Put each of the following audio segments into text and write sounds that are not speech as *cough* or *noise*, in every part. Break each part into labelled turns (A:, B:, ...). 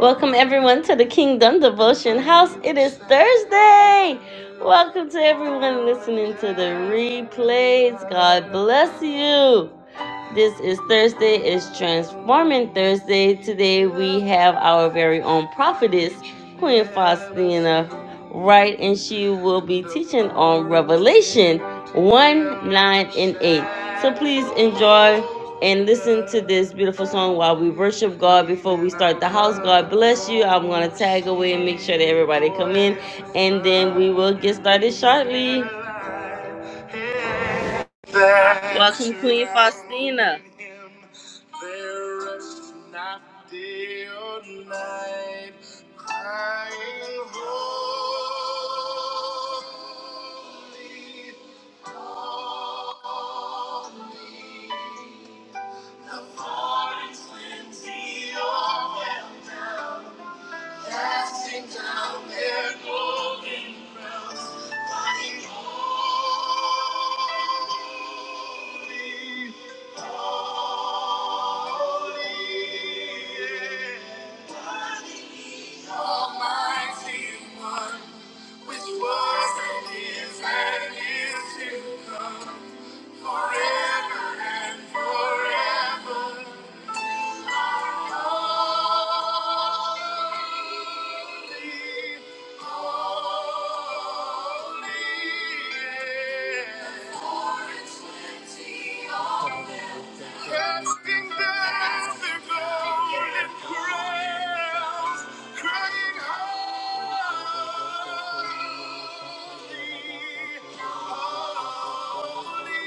A: Welcome everyone to the Kingdom Devotion House. It is Thursday. Welcome to everyone listening to the replays. God bless you. This is Thursday, it's Transforming Thursday. Today we have our very own prophetess, Queen Faustina Wright, and she will be teaching on Revelation 1, 9, and 8. So please enjoy and listen to this beautiful song while we worship God before we start the house. God bless you. I'm gonna tag away and make sure that everybody come in and then we will get started shortly. Welcome, Queen Faustina. Almighty One, which was and is and is to come, forever and forever. Holy, holy, yeah. Four and twenty are Casting down their golden crowns, crying holy, holy,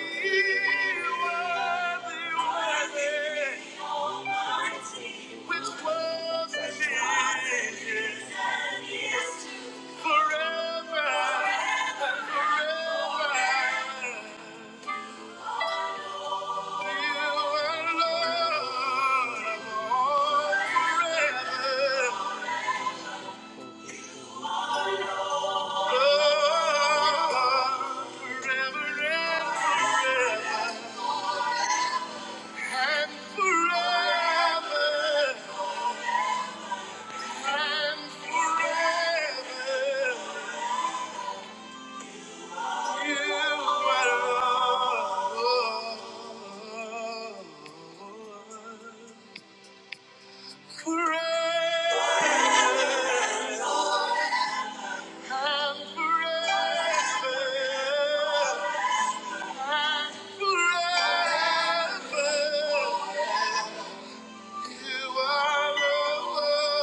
A: worthy, worthy, which was in is, forever, forever. Forever. And forever, and forever, you are Alpha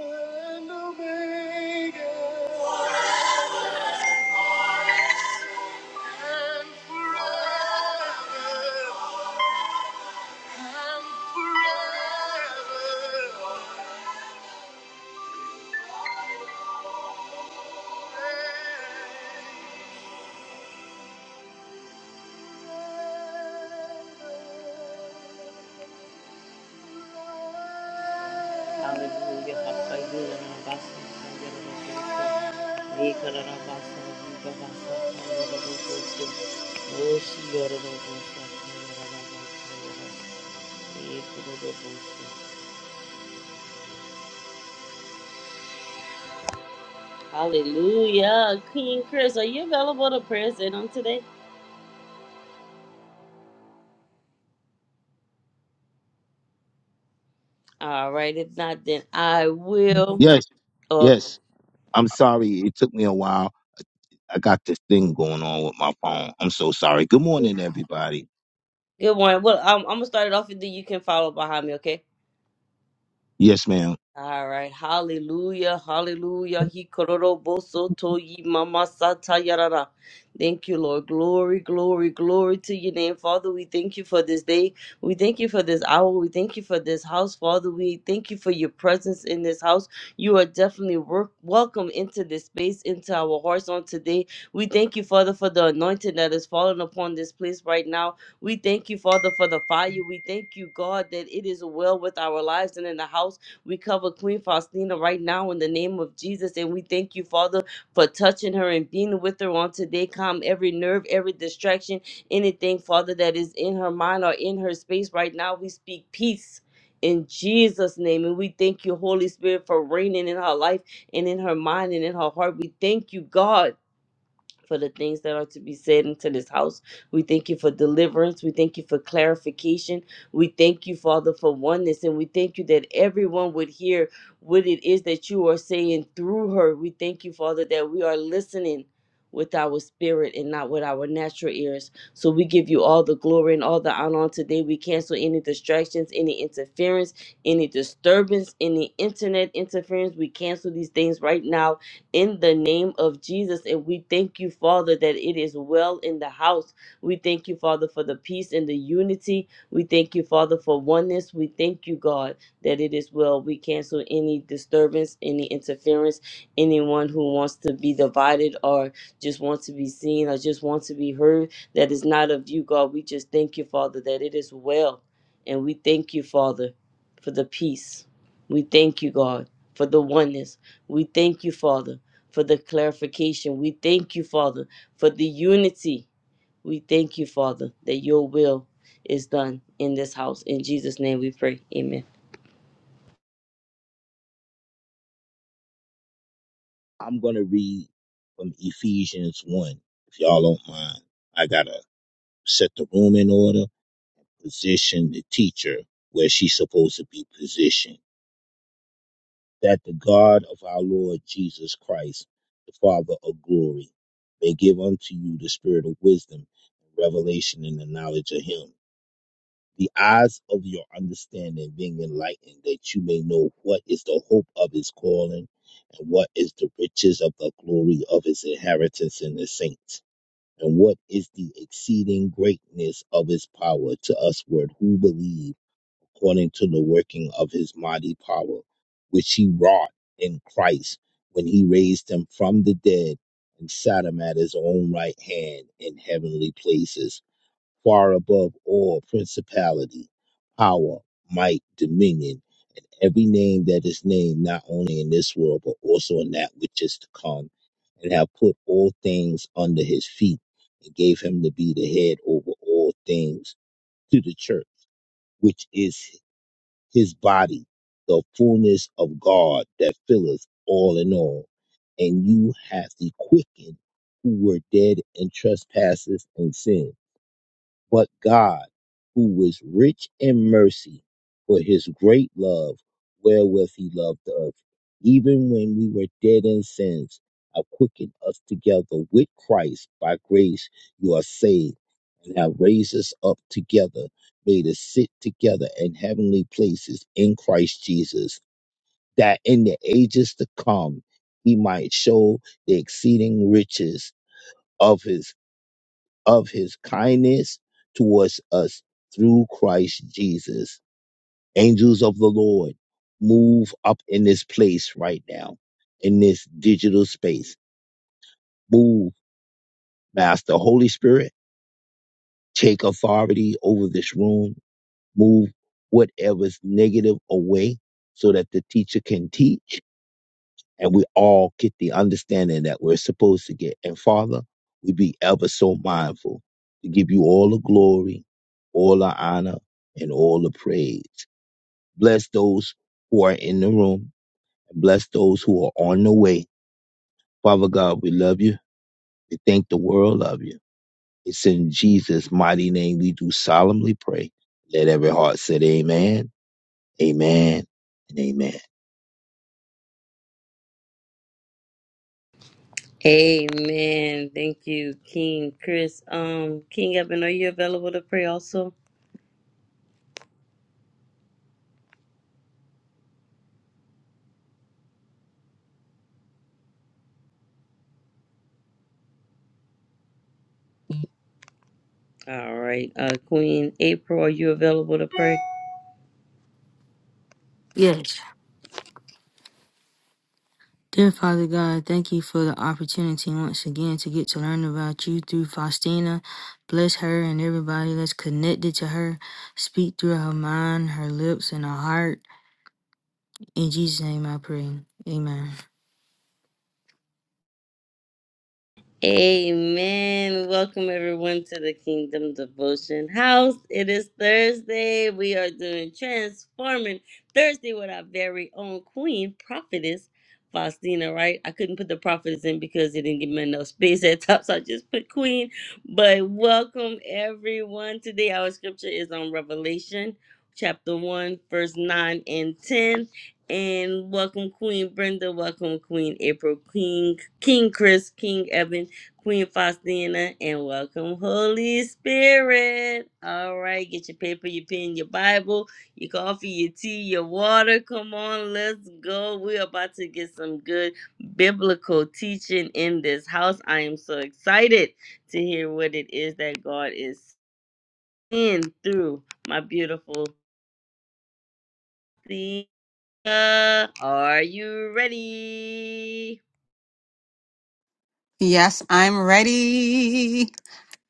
A: and Omega. And forever, and forever. Hallelujah. Hallelujah. Rabasa, Yororobosa. Ekararabasa, Yibabasa, Yororobosa. Oshi, Yororobosa, Yororabasa, Yororobosa. Ekororobosa. Hallelujah. King Chris, are you available to pray in on today? All right. If not, then I will.
B: Yes,
A: Okay.
B: yes. I'm sorry. It took me a while. I got this thing going on with my phone. I'm so sorry. Good morning, everybody.
A: Good morning. Well, I'm, I'm going to start it off and then you can follow behind me, okay?
B: Yes, ma'am.
A: All right, hallelujah, hallelujah. He kororoboso to mama sata yarara. Thank you, Lord. Glory, glory, glory to your name, Father. We thank you for this day. We thank you for this hour. We thank you for this house, Father. We thank you for your presence in this house. You are definitely work, welcome into this space, into our hearts on today. We thank you, Father, for the anointing that is falling upon this place right now. We thank you, Father, for the fire. We thank you, God, that it is well with our lives and in the house. We cover Queen Faustina right now in the name of Jesus, and we thank you, Father, for touching her and being with her on today. Calm every nerve, every distraction, anything, Father, that is in her mind or in her space right now. We speak peace. In Jesus' name, and we thank you, Holy Spirit, for reigning in her life and in her mind and in her heart. We thank you, God, for the things that are to be said into this house. We thank you for deliverance. We thank you for clarification. We thank you, Father, for oneness. And we thank you that everyone would hear what it is that you are saying through her. We thank you, Father, that we are listening. With our spirit and not with our natural ears. So we give you all the glory and all the honor on today. We cancel any distractions, any interference, any disturbance, any internet interference. We cancel these things right now in the name of Jesus. And we thank you, Father, that it is well in the house. We thank you, Father, for the peace and the unity. We thank you, Father, for oneness. We thank you, God, that it is well. We cancel any disturbance, any interference, anyone who wants to be divided or just wants to be seen or just wants to be heard that is not of you, God. We just thank you, Father, that it is well. And we thank you, Father, for the peace. We thank you, God, for the oneness. We thank you, Father for the clarification. We thank you, Father, for the unity. We thank you, Father, that your will is done in this house. In Jesus' name we pray. Amen.
B: I'm going to read from Ephesians 1, if y'all don't mind. I got to set the room in order, position the teacher where she's supposed to be positioned. That the God of our Lord Jesus Christ, the Father of glory, may give unto you the spirit of wisdom and revelation in the knowledge of Him the eyes of your understanding being enlightened, that you may know what is the hope of his calling, and what is the riches of the glory of his inheritance in the saints, and what is the exceeding greatness of his power to usward who believe, according to the working of his mighty power, which he wrought in Christ when he raised him from the dead and sat him at his own right hand in heavenly places far above all principality, power, might, dominion, every name that is named not only in this world but also in that which is to come, and have put all things under his feet, and gave him to be the head over all things to the church, which is his body, the fullness of God that filleth all in all. And you hath he quickened who were dead in trespasses and sins but God, who is rich in mercy, for his great love, wherewith he loved us, even when we were dead in sins, have quickened us together with Christ. By grace you are saved, and have raised us up together, made us sit together in heavenly places in Christ Jesus, that in the ages to come he might show the exceeding riches of his of his kindness towards us through Christ Jesus. Angels of the Lord, move up in this place right now, in this digital space. Move, Master Holy Spirit, take authority over this room. Move whatever's negative away so that the teacher can teach and we all get the understanding that we're supposed to get. And Father, we be ever so mindful to give you all the glory, all the honor, and all the praise. Bless those who are in the room and bless those who are on the way. Father God, we love you. We thank the world of you. It's in Jesus' mighty name we do solemnly pray. Let every heart say amen, amen, and amen.
A: Amen. Thank you, King Chris. Um, King Evan, are you available to pray also? All right. Uh Queen April, are you available to pray?
C: Yes. Dear Father God, thank you for the opportunity once again to get to learn about you through Faustina. Bless her and everybody that's connected to her. Speak through her mind, her lips, and her heart. In Jesus' name I pray. Amen.
A: Amen. Welcome everyone to the Kingdom Devotion House. It is Thursday. We are doing Transforming Thursday with our very own Queen Prophetess Faustina, right? I couldn't put the prophetess in because it didn't give me enough space at top, so I just put Queen. But welcome everyone. Today our scripture is on Revelation chapter 1, verse 9 and 10. And welcome Queen Brenda, welcome Queen April, Queen King Chris, King Evan. Queen Faustina, and welcome, Holy Spirit. All right, get your paper, your pen, your Bible, your coffee, your tea, your water. Come on, let's go. We're about to get some good biblical teaching in this house. I am so excited to hear what it is that God is saying through my beautiful Thea. Are you ready?
D: Yes, I'm ready.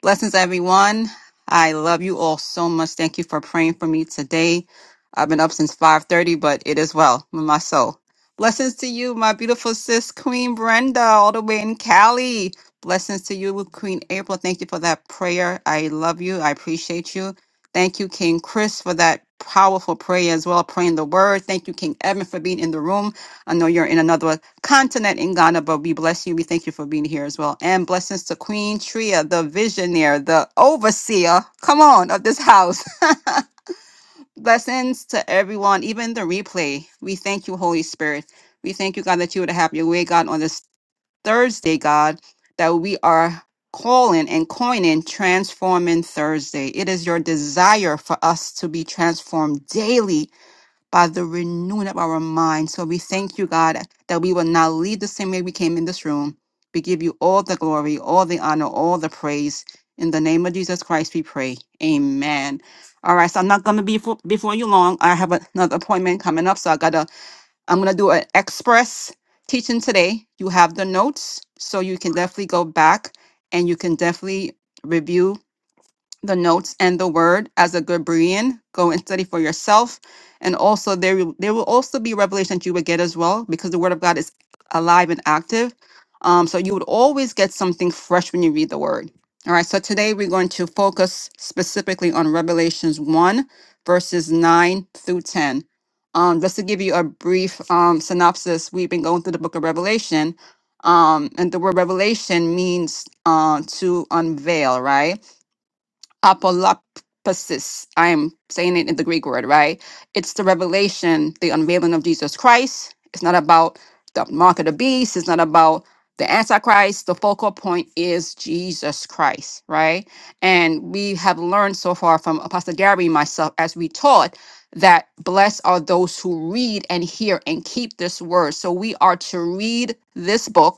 D: Blessings, everyone. I love you all so much. Thank you for praying for me today. I've been up since 5.30, but it is well with my soul. Blessings to you, my beautiful sis, Queen Brenda, all the way in Cali. Blessings to you, Queen April. Thank you for that prayer. I love you. I appreciate you. Thank you, King Chris, for that powerful prayer as well, praying the word. Thank you, King Evan, for being in the room. I know you're in another continent in Ghana, but we bless you. We thank you for being here as well. And blessings to Queen Tria, the visionaire, the overseer, come on, of this house. *laughs* blessings to everyone, even the replay. We thank you, Holy Spirit. We thank you, God, that you would have your way, God, on this Thursday, God, that we are calling and coining transforming Thursday. It is your desire for us to be transformed daily by the renewing of our mind. So we thank you, God, that we will not leave the same way we came in this room. We give you all the glory, all the honor, all the praise. In the name of Jesus Christ, we pray. Amen. All right, so I'm not gonna be fo- before you long. I have another appointment coming up, so I gotta. I'm gonna do an express teaching today. You have the notes, so you can definitely go back and you can definitely review the notes and the word as a good Berean. Go and study for yourself. And also there will- there will also be revelation that you would get as well because the word of God is alive and active. Um, so you would always get something fresh when you read the word. All right. So today we're going to focus specifically on Revelations 1, verses 9 through 10. Um, just to give you a brief um, synopsis, we've been going through the book of Revelation. Um, and the word revelation means uh, to unveil, right? apolapsis. I'm saying it in the Greek word, right? It's the revelation, the unveiling of Jesus Christ. It's not about the mark of the beast. It's not about the Antichrist. The focal point is Jesus Christ, right? And we have learned so far from Apostle Gary and myself as we taught that blessed are those who read and hear and keep this word. So we are to read this book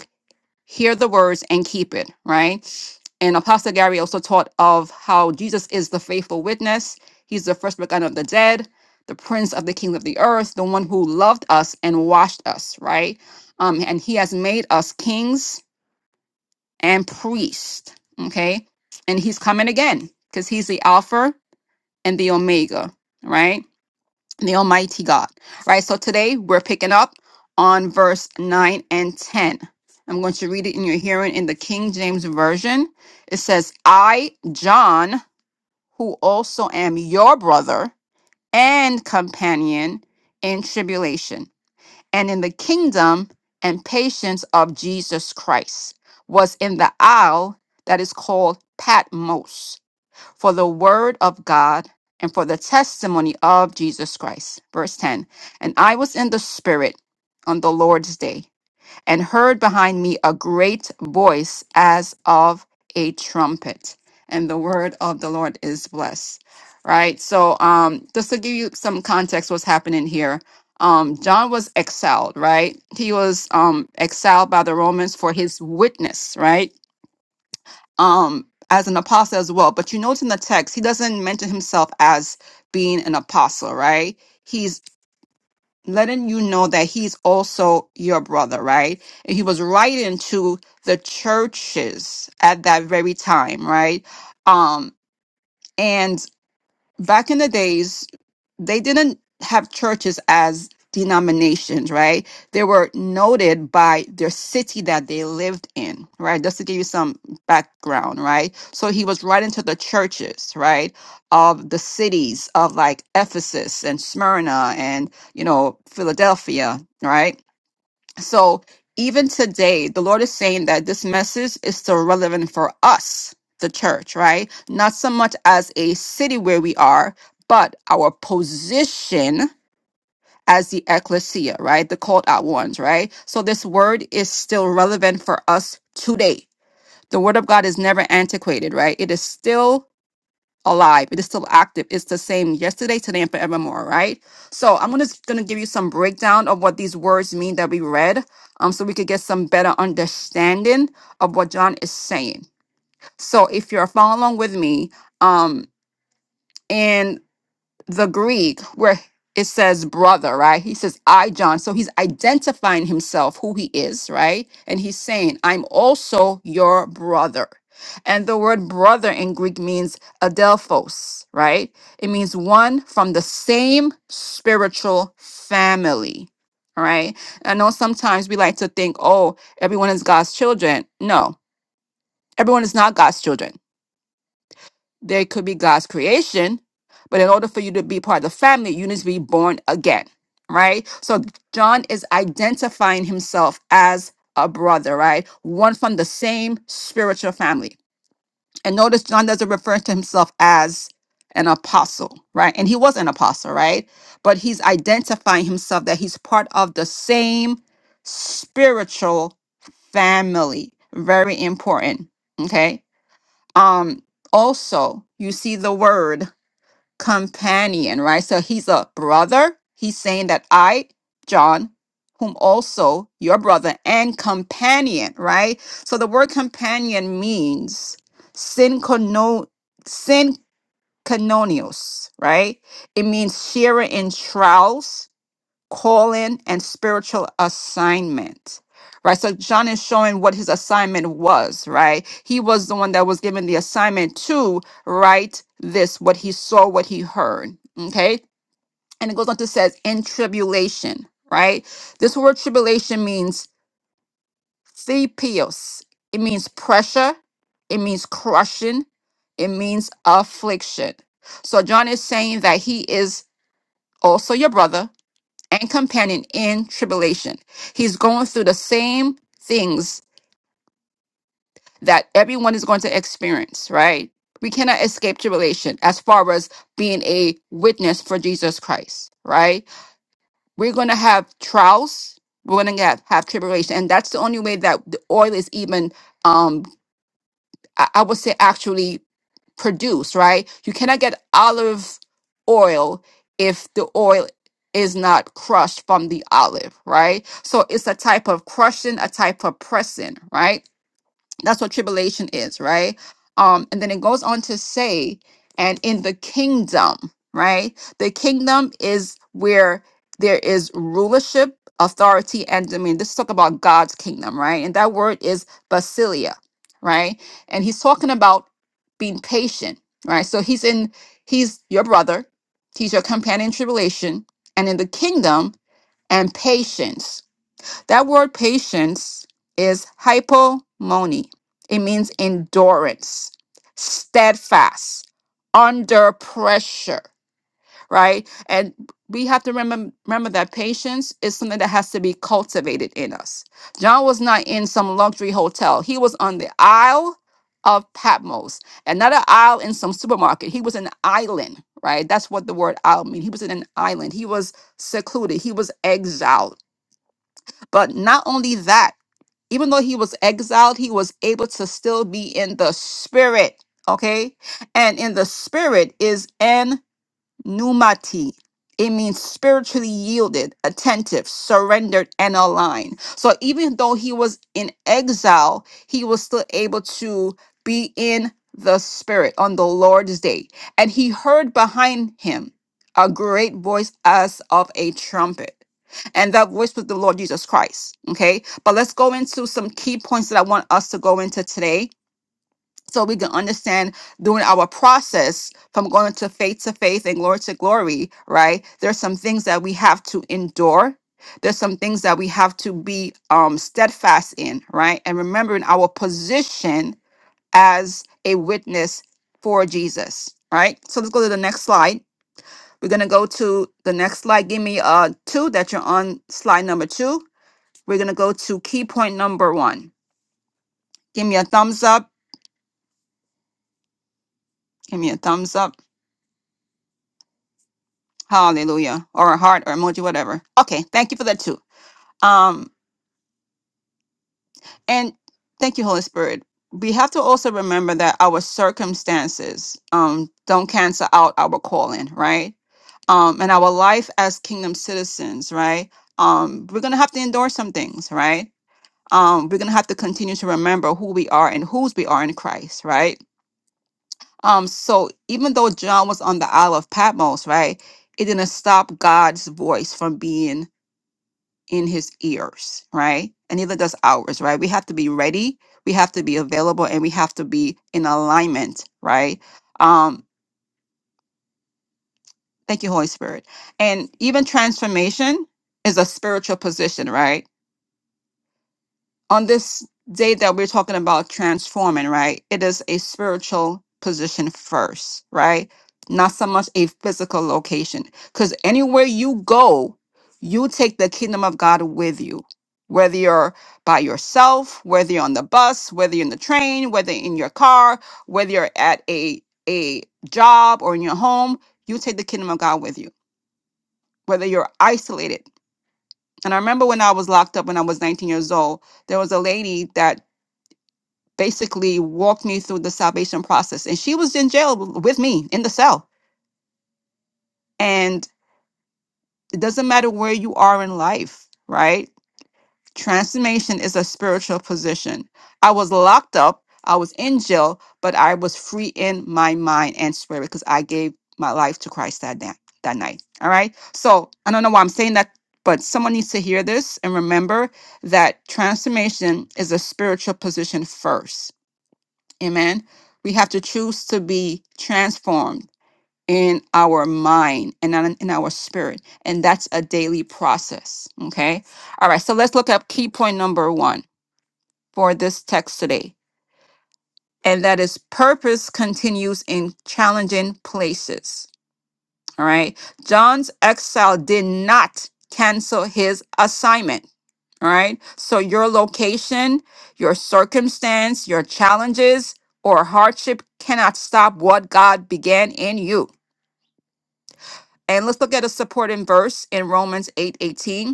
D: hear the words and keep it, right? And Apostle Gary also taught of how Jesus is the faithful witness. He's the first begun of the dead, the prince of the kings of the earth, the one who loved us and washed us, right? Um, and he has made us kings and priests, okay? And he's coming again because he's the Alpha and the Omega, right? the Almighty God. Right? So today we're picking up on verse 9 and 10. I'm going to read it in your hearing in the King James Version. It says, I, John, who also am your brother and companion in tribulation and in the kingdom and patience of Jesus Christ, was in the isle that is called Patmos for the word of God and for the testimony of Jesus Christ. Verse 10 And I was in the Spirit on the Lord's day and heard behind me a great voice as of a trumpet. And the word of the Lord is blessed. Right? So, um, just to give you some context, what's happening here. Um, John was exiled, right? He was um, exiled by the Romans for his witness, right? um as an apostle as well but you notice in the text he doesn't mention himself as being an apostle right he's letting you know that he's also your brother right and he was writing to the churches at that very time right um and back in the days they didn't have churches as denominations, right? They were noted by their city that they lived in, right? Just to give you some background, right? So he was writing to the churches, right, of the cities of like Ephesus and Smyrna and, you know, Philadelphia, right? So even today, the Lord is saying that this message is still relevant for us, the church, right? Not so much as a city where we are, but our position as the ecclesia, right? The called out ones, right? So this word is still relevant for us today. The word of God is never antiquated, right? It is still alive. It is still active. It's the same yesterday, today, and forevermore, right? So I'm gonna gonna give you some breakdown of what these words mean that we read, um, so we could get some better understanding of what John is saying. So if you're following along with me, um the Greek, where it says brother, right? He says, I, John. So he's identifying himself, who he is, right? And he's saying, I'm also your brother. And the word brother in Greek means adelphos, right? It means one from the same spiritual family, all right? I know sometimes we like to think, oh, everyone is God's children. No, everyone is not God's children there could be God's creation, but in order for you to be part of the family, you need to be born again, right? So John is identifying himself as a brother, right? One from the same spiritual family. And notice John doesn't refer to himself as an apostle, right? And he was an apostle, right? But he's identifying himself that he's part of the same spiritual family. Very important. Okay um also you see the word companion right so he's a brother he's saying that i john whom also your brother and companion right so the word companion means synchrono synchrononios right it means sharer in trials calling and spiritual assignment right so john is showing what his assignment was right he was the one that was given the assignment to write this what he saw what he heard okay and it goes on to says in tribulation right this word tribulation means thepios it means pressure it means crushing it means affliction so john is saying that he is also your brother and companion in tribulation. He's going through the same things that everyone is going to experience, right? We cannot escape tribulation as far as being a witness for Jesus Christ, right? We're going to have trials. We're going to have, have tribulation. And that's the only way that the oil is even, um, I, I would say, actually. produce, right? You cannot get olive oil if the oil is not crushed from the olive, right? So it's a type of crushing, a type of pressing, right? That's what tribulation is, right? Um, and then it goes on to say, and in the kingdom, right? The kingdom is where there is rulership, authority, and I mean, this is talk about God's kingdom, right? And that word is basilia, right? And he's talking about being patient, right? So he's in, he's your brother, he's your companion in tribulation, and in the kingdom and patience. That word patience is hypomone. It means endurance, steadfast, under pressure, right? And we have to remember, remember that patience is something that has to be cultivated in us. John was not in some luxury hotel, he was on the Isle of Patmos, and not an aisle in some supermarket. He was an island, right? That's what the word aisle means. He was in an island, he was secluded, he was exiled but not only that, even though he was exiled, he was able to still be in the spirit. Okay. And in the spirit is Numati. It means spiritually yielded, attentive, surrendered, and aligned. So even though he was in exile, he was still able to be in the spirit on the Lord's day. And he heard behind him a great voice as of a trumpet. And that voice was the Lord Jesus Christ. Okay. But let's go into some key points that I want us to go into today so we can understand during our process from going to faith to faith and glory to glory, right? There's some things that we have to endure. There's some things that we have to be um, steadfast in, right? And remembering our position as a witness for Jesus, right? So let's go to the next slide. We're going to go to the next slide. Give me uh, two that you're on slide number two. We're going to go to key point number one. Give me a thumbs up. Give me a thumbs up Hallelujah. Or a heart or emoji, whatever. Okay, thank you for that too. Um, and thank you, Holy Spirit. We have to also remember that our circumstances um don't cancel out our calling, right? Um, and our life as kingdom citizens, right? Um, we're gonna have to endure some things, right? Um, we're gonna have to continue to remember who we are and whose we are in Christ, right? Um, so even though John was on the Isle of Patmos, right, it didn't stop God's voice from being in his ears, right? And neither does ours, right? We have to be ready, we have to be available, and we have to be in alignment, right? Um, thank you, Holy Spirit. And even transformation is a spiritual position, right? on this day that we're talking about transforming, right? It is a spiritual position first, right? Not so much a physical location. Because anywhere you go, you take the kingdom of God with you. Whether you're by yourself, whether you're on the bus, whether you're in the train, whether in your car, whether you're at a a job or in your home, you take the kingdom of God with you. Whether you're isolated. And I remember when I was locked up when I was 19 years old, there was a lady that basically walked me through the salvation process. And she was in jail with me in the cell. And it doesn't matter where you are in life, right? Transformation is a spiritual position. I was locked up, I was in jail, but I was free in my mind and spirit because I gave my life to Christ that day, that night. All right. So I don't know why I'm saying that, but someone needs to hear this and remember that transformation is a spiritual position first Amen. We have to choose to be transformed in our mind and not in in our spirit. And that's a daily process. Okay. All right. So let's look up key point number one for this text today. And that is purpose continues in challenging places. All right. John's exile did not cancel his assignment All right. So your location, your circumstance, your challenges or hardship cannot stop what God began in you. And let's look at a supporting verse in Romans 8 18.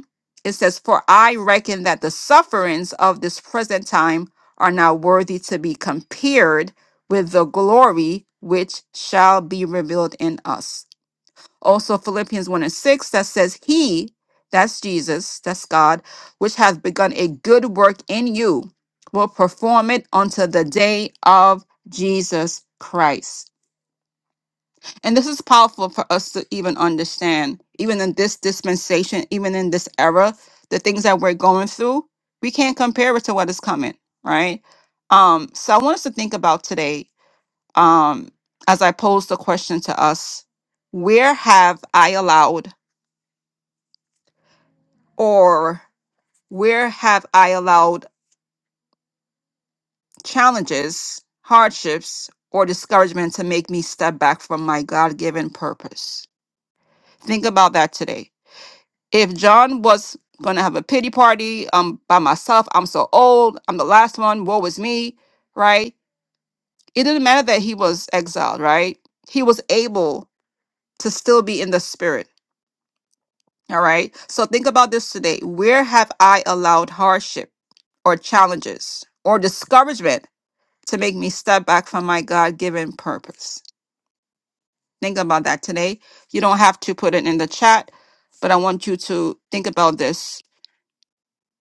D: It says, For I reckon that the sufferings of this present time are not worthy to be compared with the glory which shall be revealed in us. Also, Philippians 1 and 6 that says, He, that's Jesus, that's God, which hath begun a good work in you, will perform it unto the day of Jesus Christ. And this is powerful for us to even understand, even in this dispensation, even in this era, the things that we're going through, we can't compare it to what is coming, right? Um, so I want us to think about today, um, as I pose the question to us, where have I allowed or where have I allowed challenges, hardships, or discouragement to make me step back from my God given purpose? Think about that today. If John was going to have a pity party, um, by myself, I'm so old, I'm the last one, woe is me, right? It didn't matter that he was exiled, right? He was able to still be in the spirit, all right? So think about this today. Where have I allowed hardship or challenges or discouragement? to make me step back from my God given purpose. Think about that today. You don't have to put it in the chat, but I want you to think about this.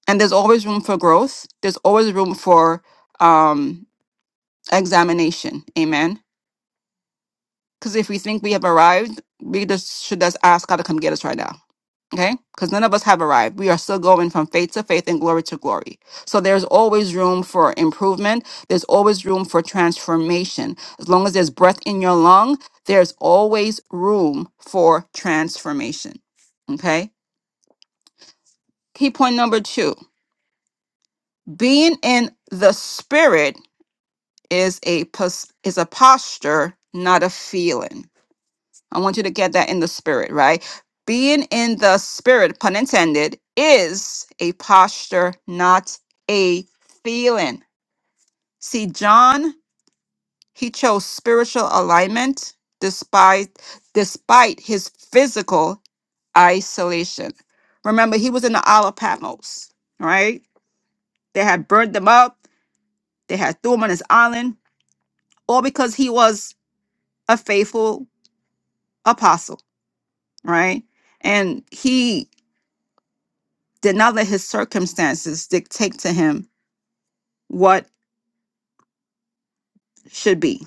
D: And there's always room for growth, there's always room for um, examination. Amen. Because if we think we have arrived, we just should just ask God to come get us right now Okay? Because none of us have arrived. We are still going from faith to faith and glory to glory. So there's always room for improvement. There's always room for transformation. As long as there's breath in your lung, there's always room for transformation. Okay? Key point number two being in the spirit is a pos- is a posture, not a feeling I want you to get that in the spirit, right? Being in the spirit, pun intended, is a posture, not a feeling. See, John, he chose spiritual alignment despite despite his physical isolation. Remember, he was in the Isle of Patmos, right? They had burned them up, they had threw him on his island, all because he was a faithful apostle, right? And he did not let his circumstances dictate to him what should be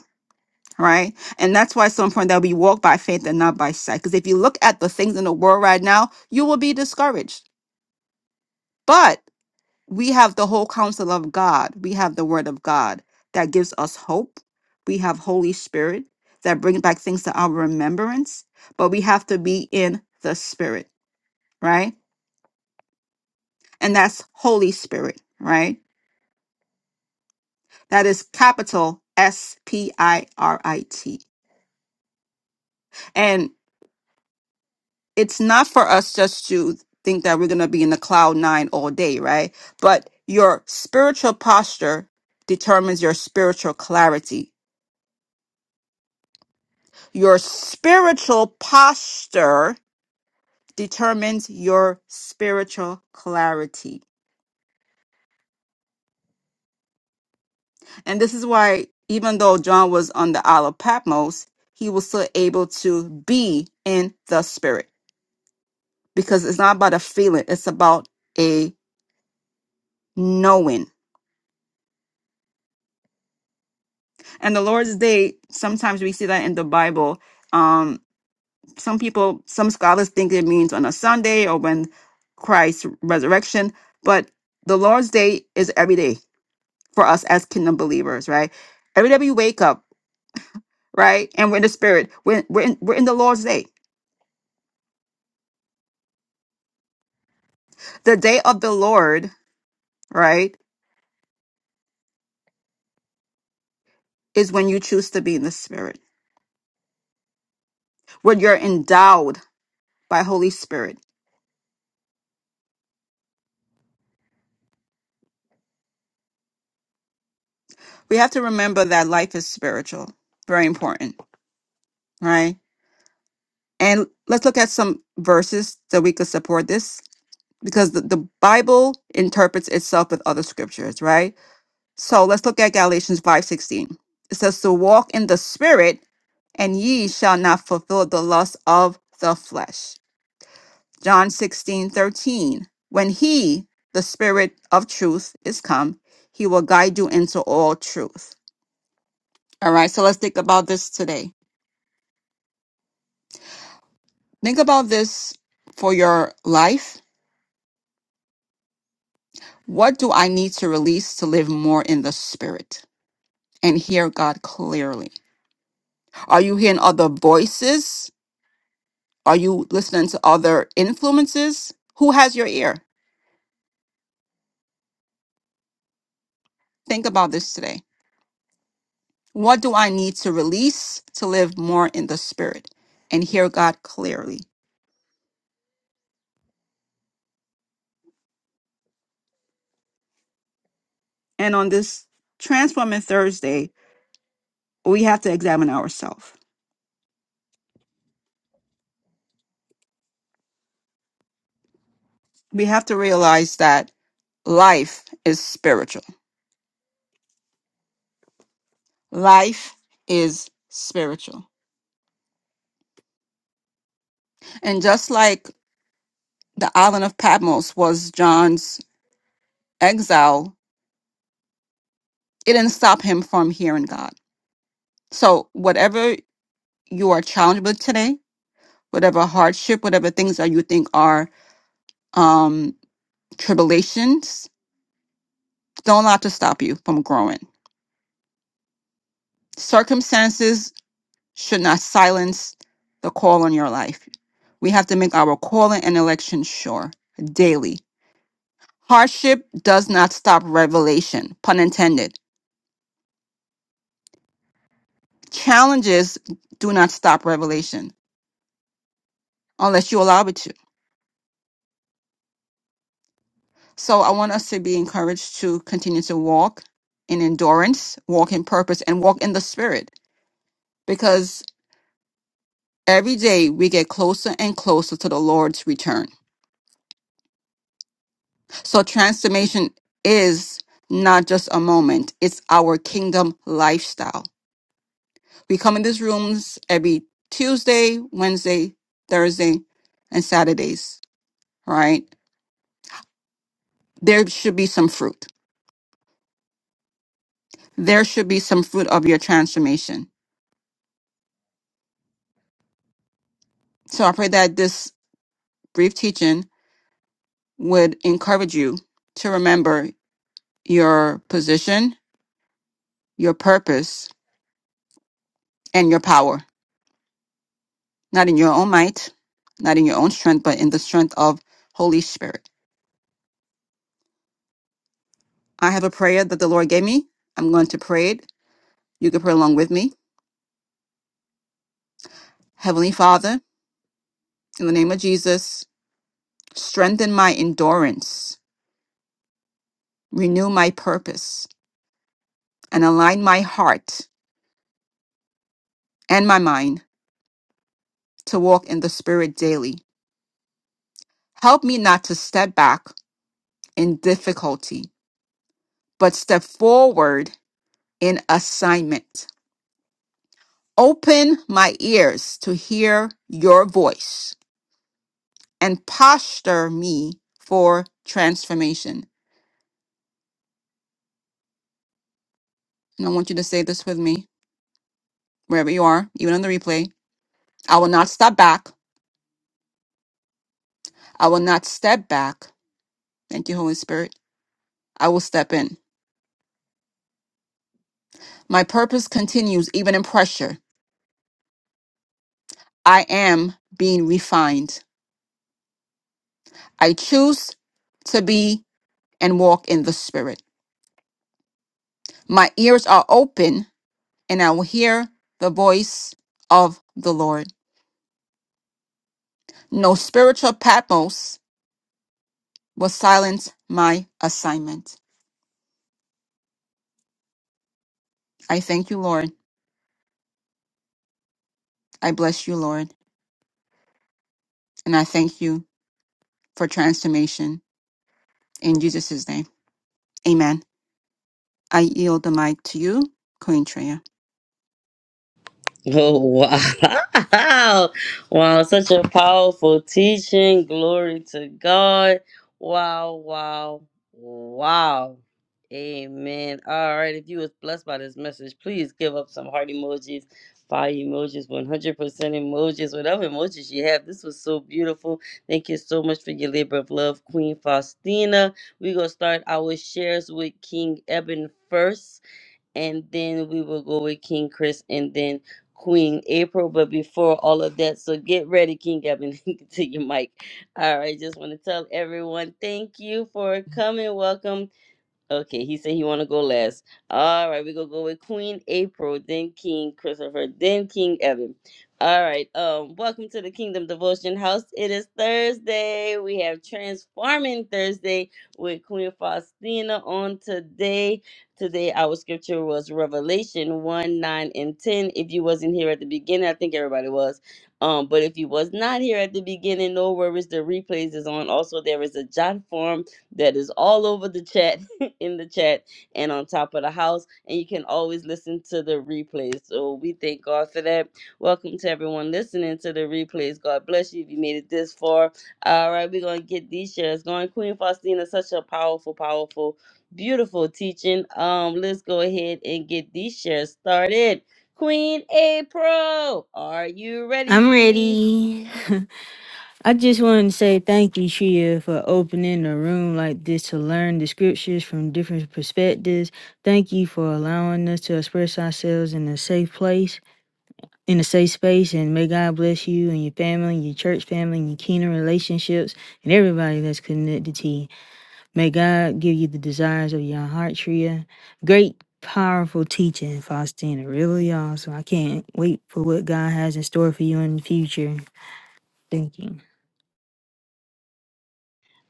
D: right and that's why it's so important that we walk by faith and not by sight because if you look at the things in the world right now you will be discouraged but we have the whole counsel of god we have the word of god that gives us hope we have holy spirit that brings back things to our remembrance but we have to be in the spirit right and that's holy spirit right that is capital s p i r i t And it's not for us just to think that we're going to be in the cloud nine all day, right? But your spiritual posture determines your spiritual clarity. Your spiritual posture determines your spiritual clarity. And this is why, even though John was on the Isle of Patmos, he was still able to be in the spirit because it's not about a feeling, it's about a knowing And the Lord's Day, sometimes we see that in the Bible. Um, some people, some scholars think it means on a Sunday or when Christ's resurrection, but the Lord's Day is every day for us as kingdom believers, right? Every day we wake up, right? And we're in the spirit. We're, we're, in, we're in the Lord's Day. The day of the Lord, right, is when you choose to be in the spirit, when you're endowed by Holy Spirit. We have to remember that life is spiritual. Very important, right? And let's look at some verses that we could support this because the, the Bible interprets itself with other scriptures, right? So let's look at Galatians 5:16. It says to walk in the spirit and ye shall not fulfill the lust of the flesh. John 16 13. When he, the spirit of truth, is come, he will guide you into all truth. All right, so let's think about this today. Think about this for your life What do I need to release to live more in the spirit and hear God clearly? Are you hearing other voices? Are you listening to other influences? Who has your ear? Think about this today. What do I need to release to live more in the spirit and hear God clearly? And on this Transforming Thursday, we have to examine ourselves. We have to realize that life is spiritual. Life is spiritual. And just like the island of Patmos was John's exile, it didn't stop him from hearing God. So, whatever you are challenged with today, whatever hardship, whatever things that you think are um, tribulations, don't allow it to stop you from growing. Circumstances should not silence the call on your life. We have to make our calling and election sure daily. Hardship does not stop revelation, pun intended. Challenges do not stop revelation unless you allow it to. So I want us to be encouraged to continue to walk in endurance, walk in purpose, and walk in the spirit because every day we get closer and closer to the Lord's return. So transformation is not just a moment, it's our kingdom lifestyle. We come in these rooms every Tuesday, Wednesday, Thursday, and Saturdays, right? There should be some fruit. There should be some fruit of your transformation. So I pray that this brief teaching would encourage you to remember your position, your purpose, and your power, not in your own might, not in your own strength, but in the strength of Holy Spirit. I have a prayer that the Lord gave me. I'm going to pray it. You can pray along with me. Heavenly Father, in the name of Jesus, strengthen my endurance, renew my purpose, and align my heart and my mind to walk in the Spirit daily. Help me not to step back in difficulty, but step forward in assignment. Open my ears to hear your voice and posture me for transformation. And I want you to say this with me, wherever you are, even on the replay. I will not step back. I will not step back. Thank you, Holy Spirit. I will step in. My purpose continues even in pressure. I am being refined. I choose to be and walk in the Spirit. My ears are open and I will hear the voice of the Lord. No spiritual Patmos will silence my assignment. I thank you, Lord. I bless you, Lord. And I thank you for transformation in Jesus' name. Amen. I yield the mic to you, Queen Treya.
A: Oh wow. *laughs* Wow, such a powerful teaching. Glory to God. Wow, wow, wow. Amen. All right. If you was blessed by this message, please give up some heart emojis, fire emojis, 100% emojis, whatever emojis you have. This was so beautiful. Thank you so much for your labor of love, Queen Faustina. We're going to start our shares with King Eben first and then we will go with King Chris and then Queen April. But before all of that, so get ready, King Gavin, *laughs* to your mic. All right, just want to tell everyone thank you for coming. Welcome Okay, he said he want to go last. All right, we gonna go with Queen April, then King Christopher, then King Evan. All right, um, welcome to the Kingdom Devotion House. It is Thursday. We have Transforming Thursday with Queen Faustina on today. Today our scripture was Revelation one nine and ten. If you wasn't here at the beginning, I think everybody was. Um, but if you was not here at the beginning, no worries. The replays is on. Also, there is a jot form that is all over the chat *laughs* in the chat and on top of the house. And you can always listen to the replays. So we thank God for that. Welcome to everyone listening to the replays. God bless you if you made it this far. All right, we're going to get these shares going. Queen Faustina, such a powerful, powerful, beautiful teaching. Um, Let's go ahead and get these shares started. Queen April, are you
C: I'm
A: ready?
C: ready. *laughs* I just wanted to say thank you, Shia, for opening a room like this to learn the scriptures from different perspectives. Thank you for allowing us to express ourselves in a safe place. in a safe space and may God bless you and your family, your church family, and your kingdom relationships, and everybody that's connected to you. May God give you the desires of your heart, Tria. Great, powerful teaching, Faustina. Really, awesome. I can't wait for what God has in store for you in the future. Thank you.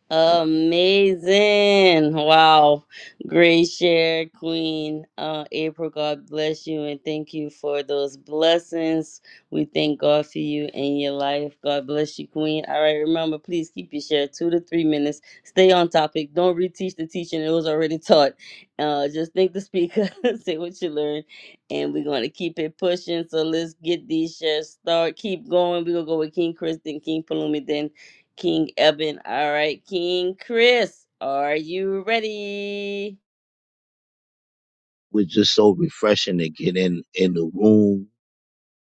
A: Amazing. Wow. Great share, Queen uh, April. God bless you and thank you for those blessings. We thank God for you and your life. God bless you, Queen. All right, remember, please keep your share two to three minutes. Stay on topic. Don't reteach the teaching, it was already taught. Uh, just thank the speaker, *laughs* say what you learned, and we're going to keep it pushing. So let's get these shares started. Keep going. We're going to go with King Chris, then King Palumi, then King Eben. All right, King Chris, are you ready?
B: We're just so refreshing to get in in the room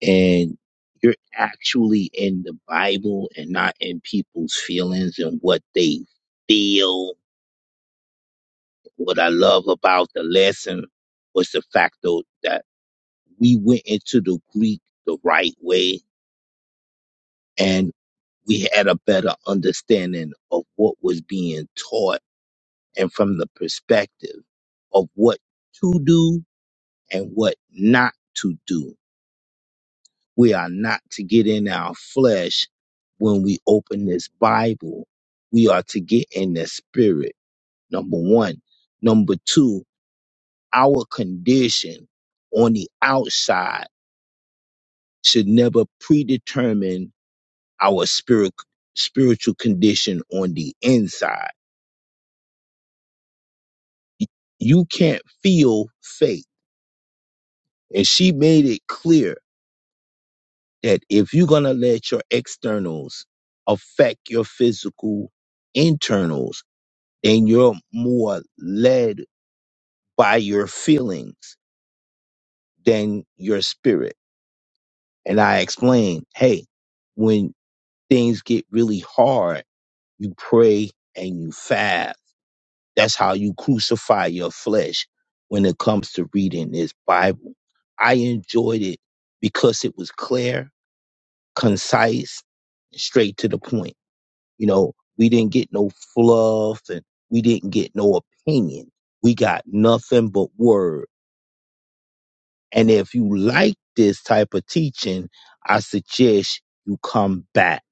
B: and you're actually in the Bible and not in people's feelings and what they feel. What I love about the lesson was the fact though that we went into the Greek the right way and we had a better understanding of what was being taught and from the perspective of what to do and what not to do We are not to get in our flesh when we open this Bible. We are to get in the spirit, number one. Number two, our condition on the outside should never predetermine our spirit, spiritual condition on the inside. You can't feel faith. And she made it clear that if you're going to let your externals affect your physical internals, and you're more led by your feelings than your spirit. And I explain, hey, when things get really hard, you pray and you fast. That's how you crucify your flesh when it comes to reading this Bible. I enjoyed it because it was clear, concise, straight to the point. You know, we didn't get no fluff and we didn't get no opinion. We got nothing but word And if you like this type of teaching, I suggest you come back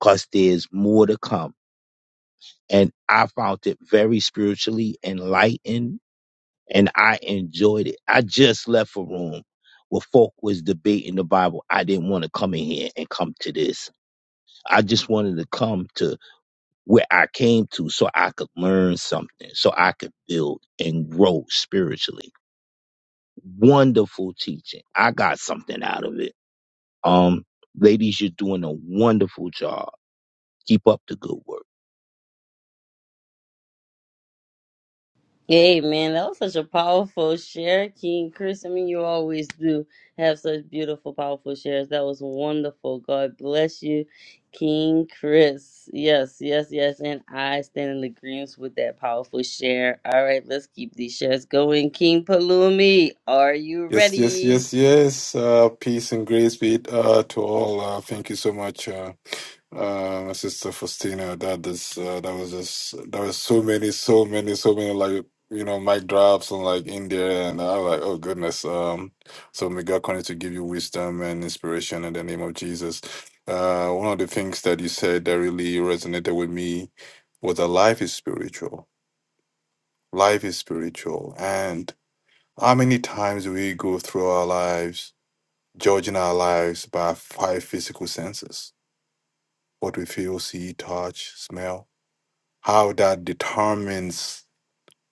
B: because there's more to come. And I found it very spiritually enlightened and I enjoyed it. I just left a room where folk was debating the Bible. I didn't want to come in here and come to this. I just wanted to come to where I came to so I could learn something, so I could build and grow spiritually. Wonderful teaching. I got something out of it. Um, ladies, you're doing a wonderful job. Keep up the good work.
A: Hey man, that was such a powerful share, King Chris. I mean, you always do have such beautiful, powerful shares. That was wonderful. God bless you, King Chris. Yes, yes, yes. And I stand in agreement with that powerful share. All right, let's keep these shares going. King Palumi, are you
E: Yes, yes,
A: ready?
E: yes, yes. Uh, peace and grace be it, uh, to all. Uh, thank you so much, uh, uh, Sister Faustina. That is, uh, that was just that was so many, so many, so many like you know mic drops and like India and I like oh goodness. Um, so may God continue to give you wisdom and inspiration in the name of Jesus. Uh, one of the things that you said that really resonated with me was that life is spiritual. Life is spiritual, and how many times do we go through our lives? judging our lives by five physical senses what we feel, see, touch, smell. How that determines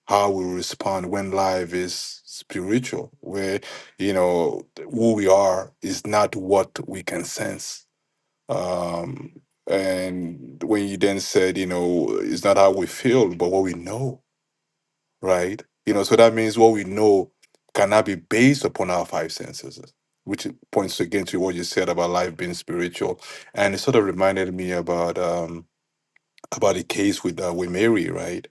E: how we respond when life is spiritual, where, you know, who we are is not what we can sense. Um, and when you then said, you know, it's not how we feel, but what we know right? You know, so that means what we know cannot be based upon our five senses, which points again to what you said about life being spiritual. And it sort of reminded me about um, about the case with uh, with Mary, right?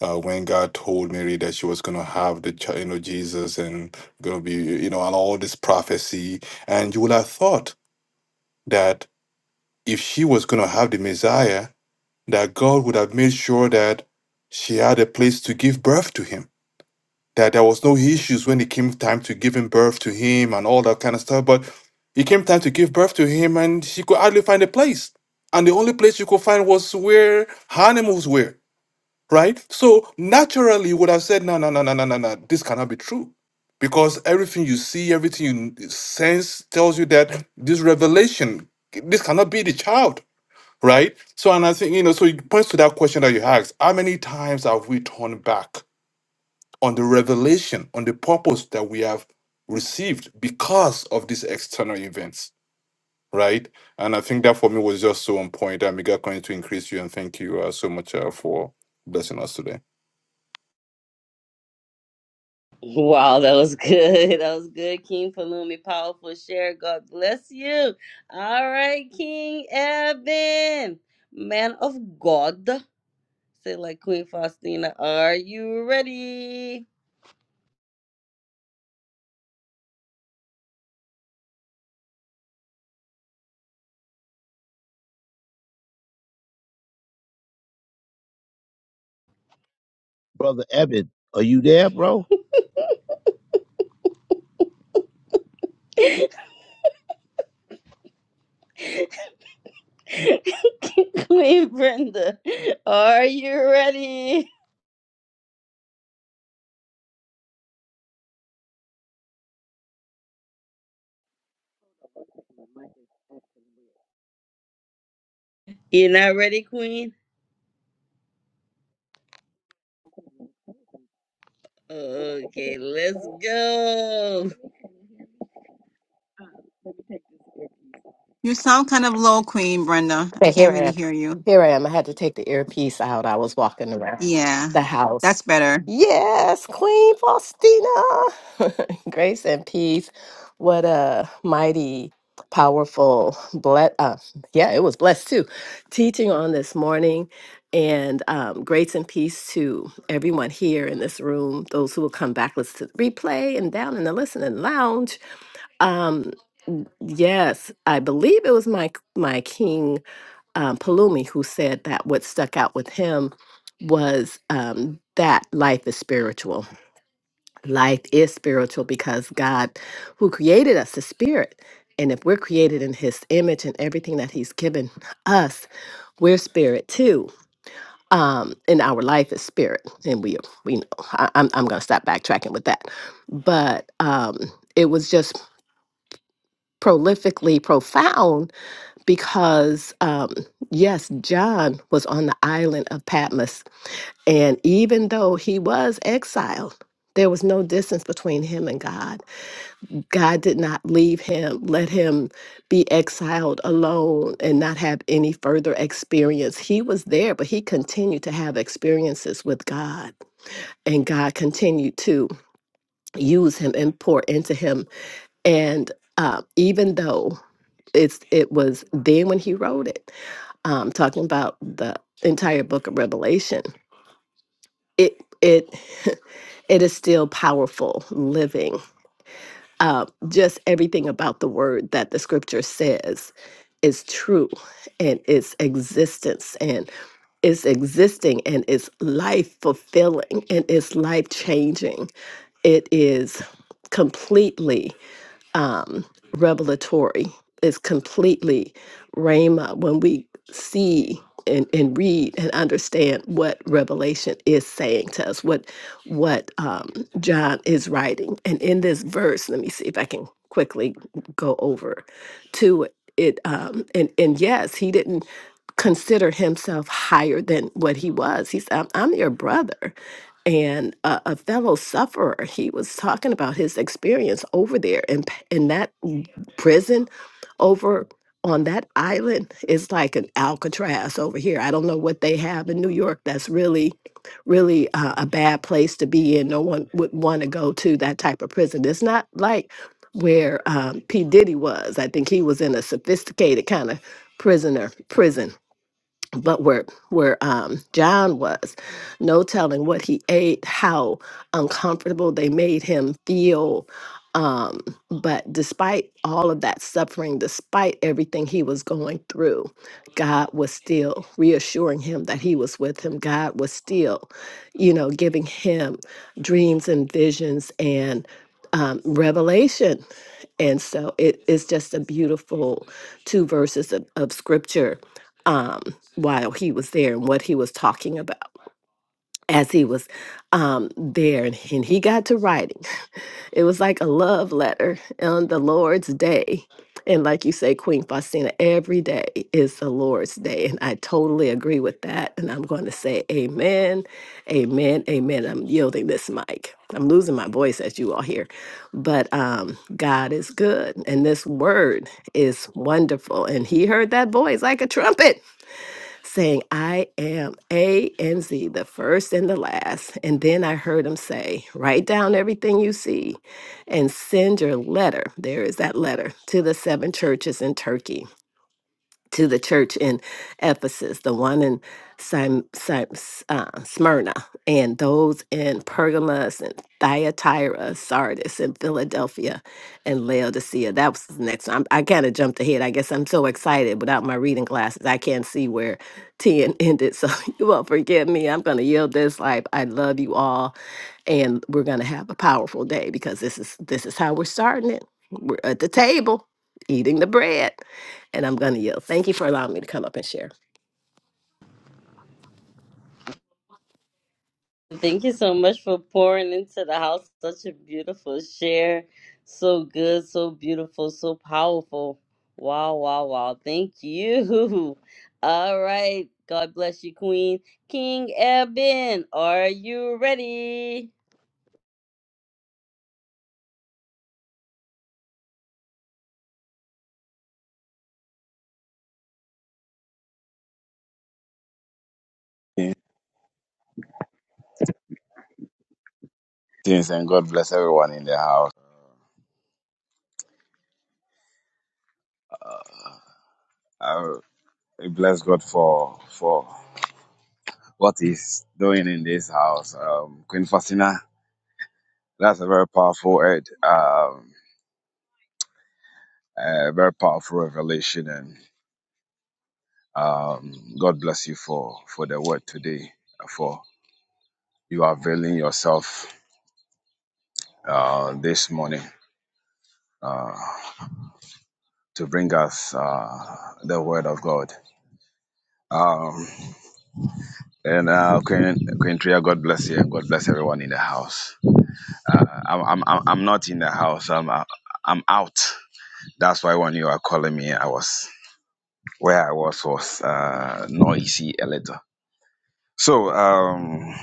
E: Uh, when God told Mary that she was going to have the child, you know, Jesus, and going to be, you know, and all this prophecy, and you would have thought that if she was going to have the Messiah, that God would have made sure that she had a place to give birth to him that there was no issues when it came time to giving birth to him and all that kind of stuff. But it came time to give birth to him, and she could hardly find a place. And the only place she could find was where her animals were, right? So naturally, you would have said, no, no, no, no, no, no, no, this cannot be true. Because everything you see, everything you sense tells you that this revelation, this cannot be the child, right? So, and I think, you know, so it points to that question that you asked how many times have we turned back? on the revelation, on the purpose that we have received because of these external events, right? And I think that for me was just so on point. And may God continue to increase you. And thank you uh, so much uh, for blessing us today.
A: Wow, that was good. *laughs* That was good, King Palumi. Powerful share. God bless you. All right, King Evan, man of God. Say like Queen Faustina, are you ready?
B: Brother Evan, are you there, bro?
A: *laughs* Queen Brenda, are you ready? You're not ready, Queen? Okay, let's go.
D: You sound kind of low, Queen Brenda. I
F: But here
D: can't
F: I
D: really
F: am.
D: hear you.
F: Here I am. I had to take the earpiece out. I was walking around
D: Yeah,
F: the house.
D: that's better.
F: Yes, Queen Faustina. *laughs* Grace and peace. What a mighty, powerful, bless. Uh, yeah, it was blessed too. Teaching on this morning. And um, grace and peace to everyone here in this room, those who will come back, listen to the replay, and down in the listening lounge. Um, yes, I believe it was my my king um, Palumi who said that what stuck out with him was um, that life is spiritual. Life is spiritual because God, who created us, is spirit. And if we're created in his image and everything that he's given us, we're spirit too. Um, and our life is spirit. And we, we know, I, I'm, I'm going to stop backtracking with that. But um, it was just prolifically profound because um, yes, John was on the island of Patmos, and even though he was exiled, there was no distance between him and God. God did not leave him, let him be exiled alone and not have any further experience. He was there, but he continued to have experiences with God, and God continued to use him and pour into him. And uh, even though it's it was then when he wrote it um, talking about the entire book of Revelation, it it *laughs* it is still powerful living. Uh, just everything about the word that the scripture says is true, and its existence and its existing and its life fulfilling and its life changing. It is completely um, revelatory. It's completely Rhema when we see and, and read and understand what Revelation is saying to us, what what um, John is writing. And in this verse, let me see if I can quickly go over to it. It, Um, and and yes, he didn't consider himself higher than what he was. He's I'm, I'm your brother and a, a fellow sufferer he was talking about his experience over there in, p- in that w- prison over on that island It's like an alcatraz over here i don't know what they have in new york that's really really uh, a bad place to be in no one would want to go to that type of prison it's not like where um, p diddy was i think he was in a sophisticated kind of prisoner prison but where where um, John was, no telling what he ate, how uncomfortable they made him feel. Um, but despite all of that suffering, despite everything he was going through, God was still reassuring him that he was with him. God was still, you know, giving him dreams and visions and um, revelation. And so it is just a beautiful two verses of, of scripture um, while he was there and what he was talking about as he was um, there. And, and he got to writing. It was like a love letter on the Lord's day. And like you say, Queen Faustina, every day is the Lord's day. And I totally agree with that. And I'm going to say amen, amen, amen. I'm yielding this mic. I'm losing my voice as you all hear. But um, God is good. And this word is wonderful. And he heard that voice like a trumpet saying, I am A and Z, the first and the last. And then I heard him say, Write down everything you see and send your letter. There is that letter to the seven churches in Turkey to the church in Ephesus, the one in Sim, Sim, uh, Smyrna, and those in Pergamos and Thyatira, Sardis, and Philadelphia, and Laodicea. That was the next one. I'm, I kind of jumped ahead. I guess I'm so excited without my reading glasses. I can't see where 10 ended. So *laughs* you will forgive me. I'm going to yield this life. I love you all and we're going to have a powerful day because this is this is how we're starting it we're at the table eating the bread and i'm going to yield thank you for allowing me to come up and share
A: Thank you so much for pouring into the house. Such a beautiful share. So good, so beautiful, so powerful. Wow, wow, wow. Thank you. *laughs* All right. God bless you, Queen. King Eben, are you ready?
G: Greetings and God bless everyone in the house. Uh, I I bless God for for what He's doing in this house. Um, Queen Faustina, that's a very powerful word, um, a very powerful revelation, and um, God bless you for for the word today, for you availing yourself uh, this morning uh, to bring us uh, the word of God. Um, And uh, Queen Queen Tria, God bless you, and God bless everyone in the house. Uh, I'm I'm I'm I'm not in the house. I'm uh, I'm out. That's why when you are calling me, I was where I was was uh, noisy a little. So um,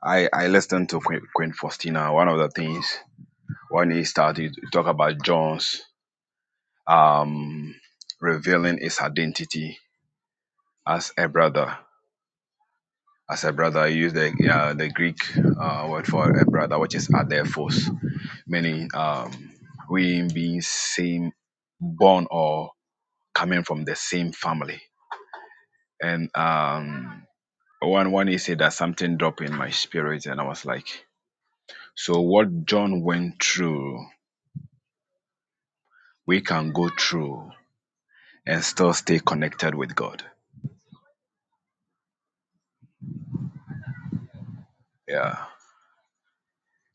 G: I I listened to Queen, Queen Faustina. One of the things when he started to talk about John's um, revealing his identity as a brother. As a brother, he used the uh, the Greek uh, word for a brother, which is adelphos meaning um, we being same born or coming from the same family. And um, one one day said that something dropped in my spirit, and I was like, so what John went through, we can go through and still stay connected with God. Yeah,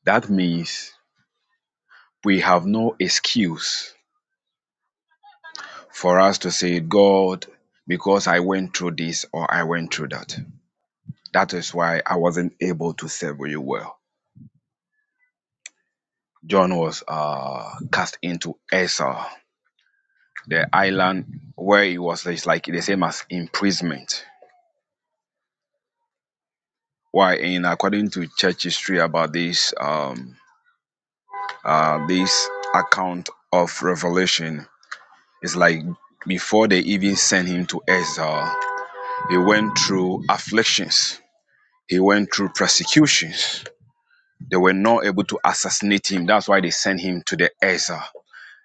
G: that means we have no excuse for us to say, God, because I went through this or I went through that. That is why I wasn't able to serve you well John was uh, cast into Esau, the island where he was. It's like the same as imprisonment. Why? In according to church history about this um, uh, this account of Revelation, it's like before they even sent him to Esau, he went through afflictions. He went through persecutions. They were not able to assassinate him. That's why they sent him to the Esau.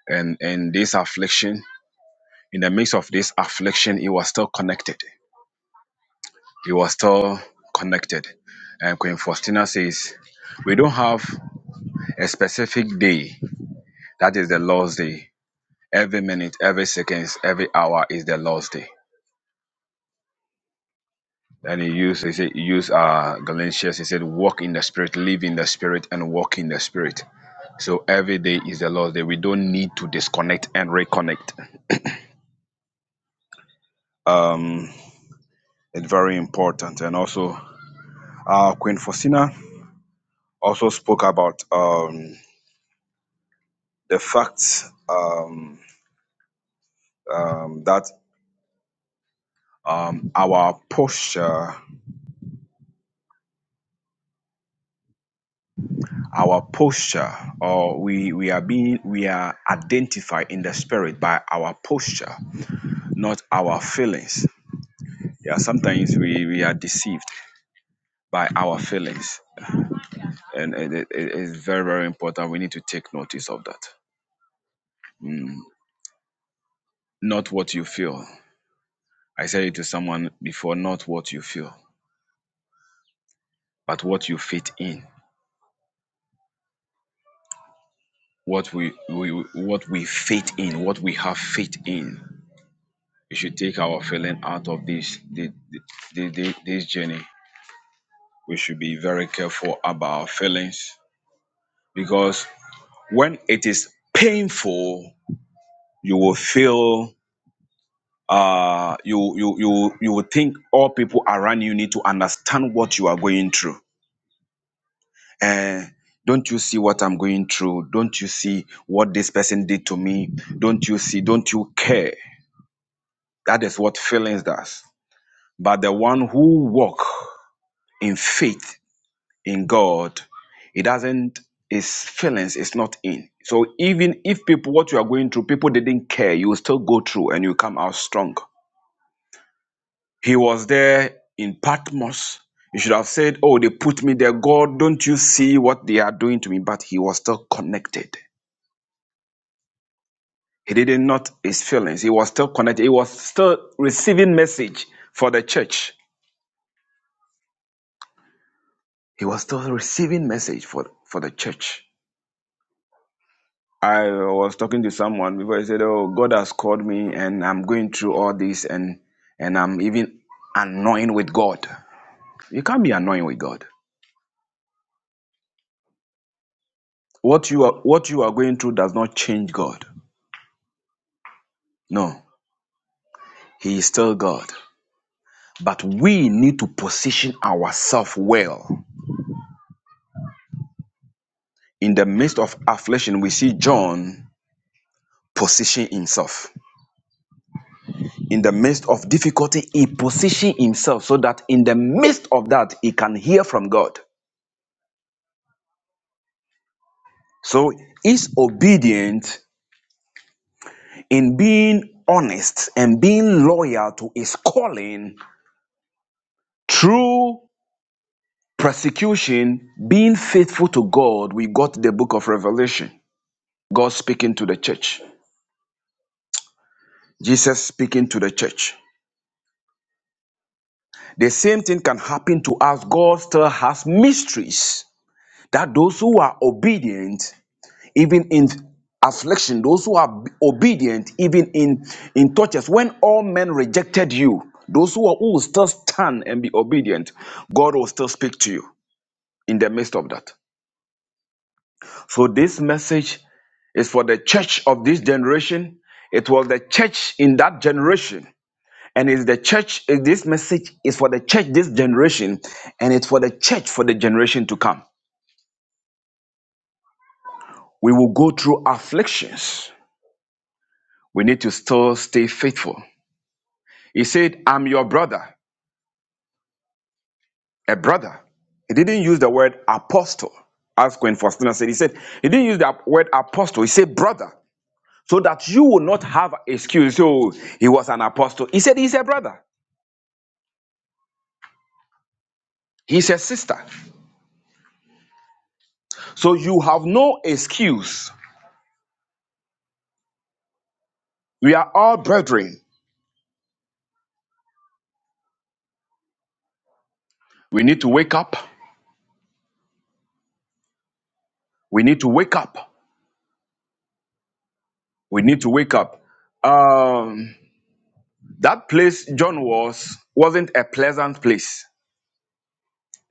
G: And and this affliction in the midst of this affliction, he was still connected. He was still connected. And Queen Faustina says, We don't have a specific day. That is the Lord's day. Every minute, every second, every hour is the Lord's day. And he used, he said, he used uh, Galatians, he said, walk in the spirit, live in the spirit, and walk in the spirit. So every day is the Lord's day. We don't need to disconnect and reconnect. Um, it's very important. And also, uh, Queen Faustina also spoke about um, the fact um, um, that um, our posture, our posture, or we we are being we are identified in the spirit by our posture, not our feelings. Yeah, sometimes we we are deceived by our feelings, and it, it, it is very very important. We need to take notice of that. Not what you feel. I said it to someone before. Not what you feel, but what you fit in. what we, we what we faith in, what we have faith in. We should take our feeling out of this this, this, this journey. We should be very careful about our feelings because when it is painful, you will feel uh you you you you will think all people around you need to understand what you are going through. Eh, don't you see what I'm going through? Don't you see what this person did to me? Don't you see? Don't you care? That is what feelings does. But the one who walk in faith in God, it doesn't his feelings is not in. So even if people what you are going through, people didn't care, you will still go through and you come out strong. He was there in Patmos. You should have said, Oh, they put me there. God, don't you see what they are doing to me? But he was still connected. He didn't not his feelings. He was still connected. He was still receiving message for the church. He was still receiving message for, for the church. I was talking to someone before I said, "Oh, God has called me, and I'm going through all this, and and I'm even annoying with God." You can't be annoying with God. What you are what you are going through does not change God. No, He is still God. But we need to position ourselves well in the midst of affliction. We see John position himself. in the midst of difficulty, he positions himself so that in the midst of that, he can hear from God. So he's obedient in being honest and being loyal to his calling through persecution, being faithful to God. We got the book of Revelation, God speaking to the church, Jesus speaking to the church. The same thing can happen to us. God still has mysteries that those who are obedient even in affliction, those who are obedient, even in, in tortures, when all men rejected you, those who are who will still stand and be obedient, God will still speak to you in the midst of that. So this message is for the church of this generation. It was the church in that generation. And it's the church, eh, this message is for the church this generation, and it's for the church for the generation to come. We will go through afflictions. We need to still stay faithful. He said, I'm your brother, a brother. He didn't use the word apostle, as Queen Faustina said. He said, he didn't use the word apostle, he said brother, so that you will not have excuse. So he was an apostle. He said he's a brother, he's a sister. So you have no excuse. We are all brethren. We need to wake up. We need to wake up. We need to wake up. Um, that place John was wasn't a pleasant place.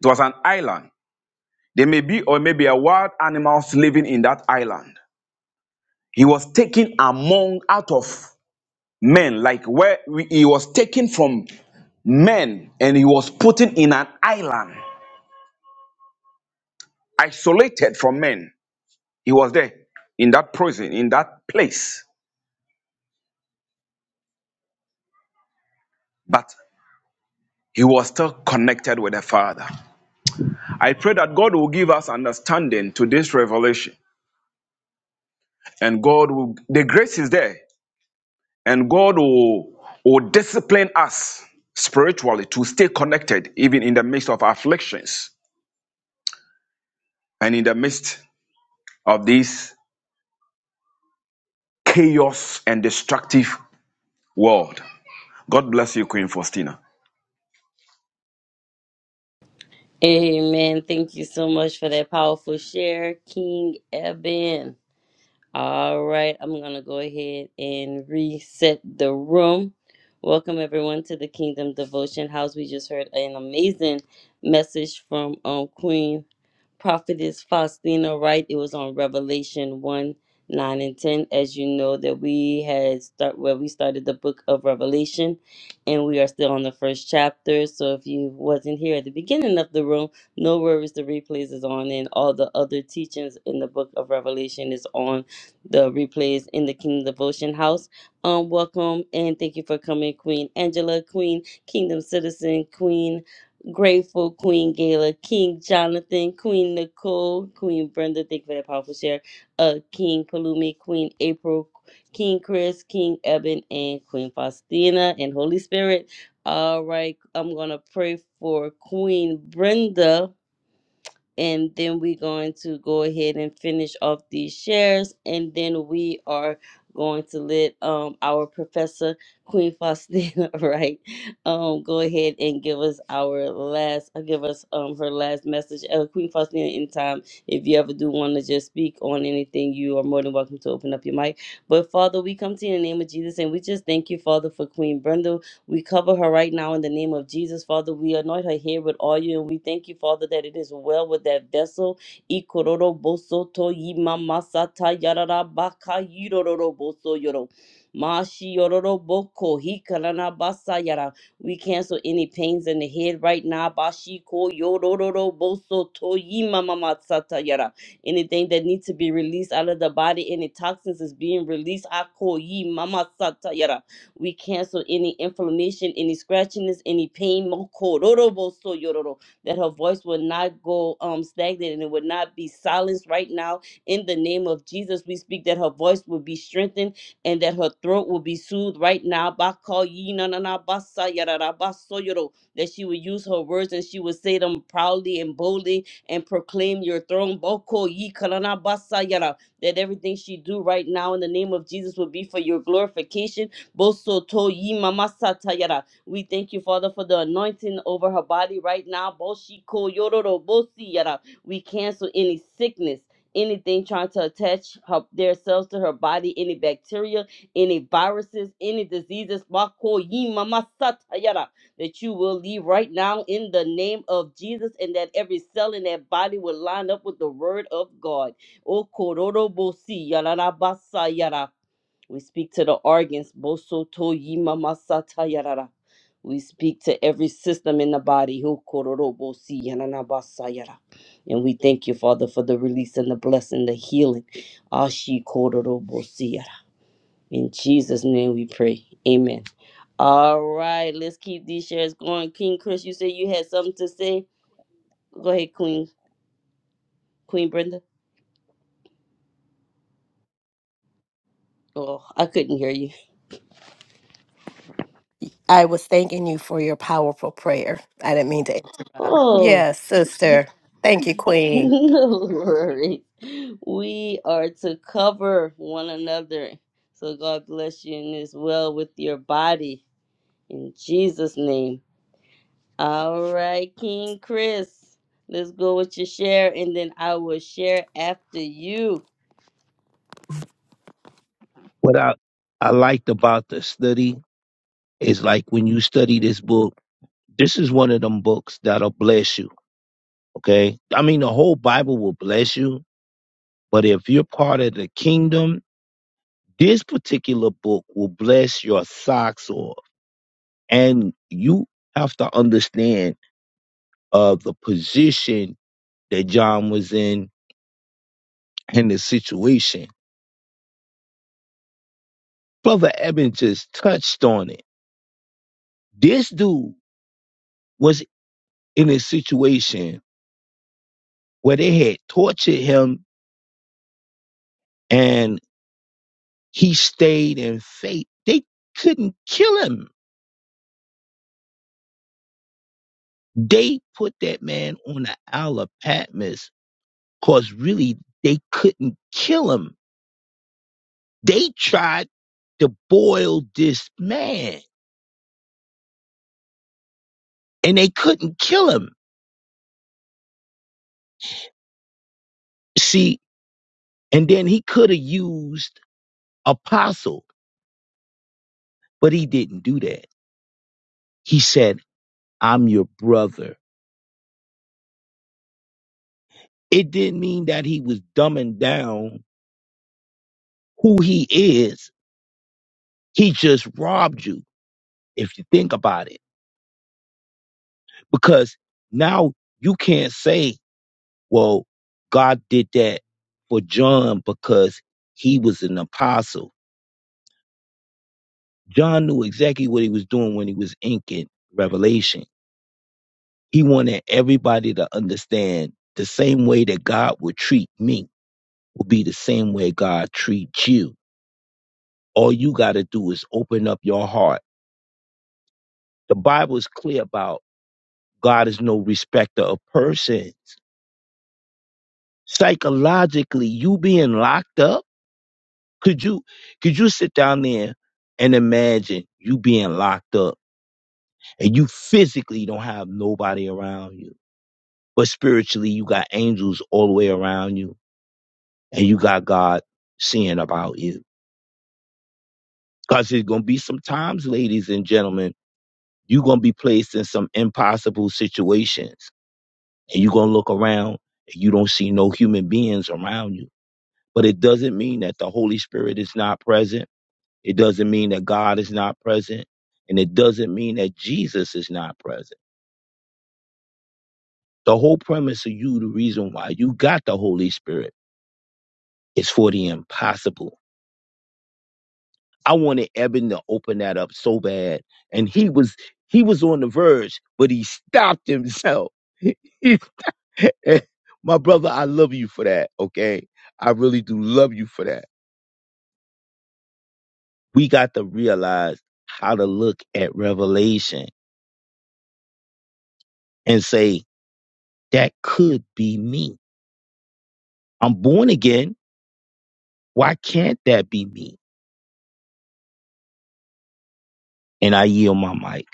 G: It was an island There may be or maybe a wild animals living in that island. He was taken among out of men, like where we- he was taken from men and he was put in an island, isolated from men. He was there in that prison, in that place, but he was still connected with the Father. I pray that God will give us understanding to this revelation and God will, the grace is there. and God will, will discipline us spiritually to stay connected, even in the midst of afflictions and in the midst of this chaos and destructive world. God bless you, Queen Faustina.
A: Amen. Thank you so much for that powerful share, King Eben. All right, I'm going to go ahead and reset the room. Welcome everyone to the Kingdom Devotion House. We just heard an amazing message from um, Queen Prophetess Faustina Wright. It was on Revelation 1 9 and 10. As you know, that we had start where we started the book of Revelation, and we are still on the first chapter. So if you wasn't here at the beginning of the room, no worries, the replays is on, and all the other teachings in the book of Revelation is on the replays in the Kingdom Devotion House. Um, welcome and thank you for coming, Queen Angela, Queen Kingdom Citizen, Queen. Grateful Queen Gala, King Jonathan, Queen Nicole, Queen Brenda, thank you for that powerful share. Uh, King Palumi, Queen April, King Chris, King Eben, and Queen Faustina, and Holy Spirit. All right, I'm gonna pray for Queen Brenda and then we're going to go ahead and finish off these shares and then we are going to let um our professor queen faustina *laughs* right um go ahead and give us our last uh, give us um her last message uh, queen faustina in time if you ever do want to just speak on anything you are more than welcome to open up your mic but father we come to you in the name of jesus and we just thank you father for queen brenda we cover her right now in the name of Jesus, Father. We anoint her here with oil, and we thank you, Father, that it is well with that vessel. Ikororo boso to yimamasata yarara baka yirororo boso yoro. Mashi yororo boko hikarana basa yara. We cancel any pains in the head right now. Bashi ko yororo boso to yimamasata yara. Anything that needs to be released out of the body, any toxins is being released. Ako yimamasata yara. We cancel any inflammation, any scratchiness, any pain. Mokororobosoyororo, That her voice will not go um stagnant and it will not be silenced right now. In the name of Jesus, we speak that her voice will be strengthened and that her throat will be soothed right now. Bakoyinanabasayararabasoyoro, That she will use her words and she will say them proudly and boldly and proclaim your throne. Bokoyikananabasayara, That everything she do right now in the name of Jesus will be for your glorification Bosoto yi mamasata yara. We thank you, Father, for the anointing over her body right now. Boshiko yororo bosi yara. We cancel any sickness. Anything trying to attach her, their cells to her body, any bacteria, any viruses, any diseases, Bako yi mamasata yara, that you will leave right now in the name of Jesus, and that every cell in that body will line up with the word of God. O kororo bosi yara rabasa yara. We speak to the organs. Bosoto yima masata yarara. We speak to every system in the body. Hokororo Bosi Hokororobosi yananabasa yara. And we thank you, Father, for the release and the blessing, the healing. Ashi kororo Bosi yara. In Jesus' name we pray. Amen. All right, let's keep these shares going. King Chris, you said you had something to say. Go ahead, Queen Queen Brenda. Oh, I couldn't hear you.
F: i was thanking you for your powerful prayer i didn't mean to yes sister thank you
A: *laughs*
F: queen
A: No worries. We are to cover one another. So God bless you and is well with your body. In Jesus' name. All right, King Chris. Let's go with your share and then I will share after you.
B: What I, I liked about the study is like when you study this book, this is one of them books that'll bless you. Okay. I mean, the whole Bible will bless you, but if you're part of the kingdom, this particular book will bless your socks off. And you have to understand uh, the position that John was in and the situation. Brother Eben just touched on it. This dude was in a situation where they had tortured him and he stayed in faith. They couldn't kill him. They put that man on the Isle of Patmos because really they couldn't kill him. They tried to boil this man and they couldn't kill him. See, and then he could have used apostle, but he didn't do that. He said, I'm your brother. It didn't mean that he was dumbing down who he is. He just robbed you, if you think about it. Because now you can't say, well, God did that for John because he was an apostle. John knew exactly what he was doing when he was inking Revelation. He wanted everybody to understand the same way that God would treat me will be the same way God treats you all you got to do is open up your heart. The Bible is clear about God is no respecter of persons. Psychologically, you being locked up, could you could you sit down there and imagine you being locked up and you physically don't have nobody around you, but spiritually you got angels all the way around you and you got God seeing about you. Cause there's gonna be some times, ladies and gentlemen, you're gonna be placed in some impossible situations and you're going to look around and you don't see no human beings around you. But it doesn't mean that the Holy Spirit is not present. It doesn't mean that God is not present. And it doesn't mean that Jesus is not present. The whole premise of you, the reason why you got the Holy Spirit, is for the impossible. I wanted Eben to open that up so bad. And he was he was on the verge, but he stopped himself. *laughs* He *laughs* my brother, I love you for that. Okay, I really do love you for that we got to realize how to look at revelation and say, that could be me. I'm born again. Why can't that be me? And I yield my mic.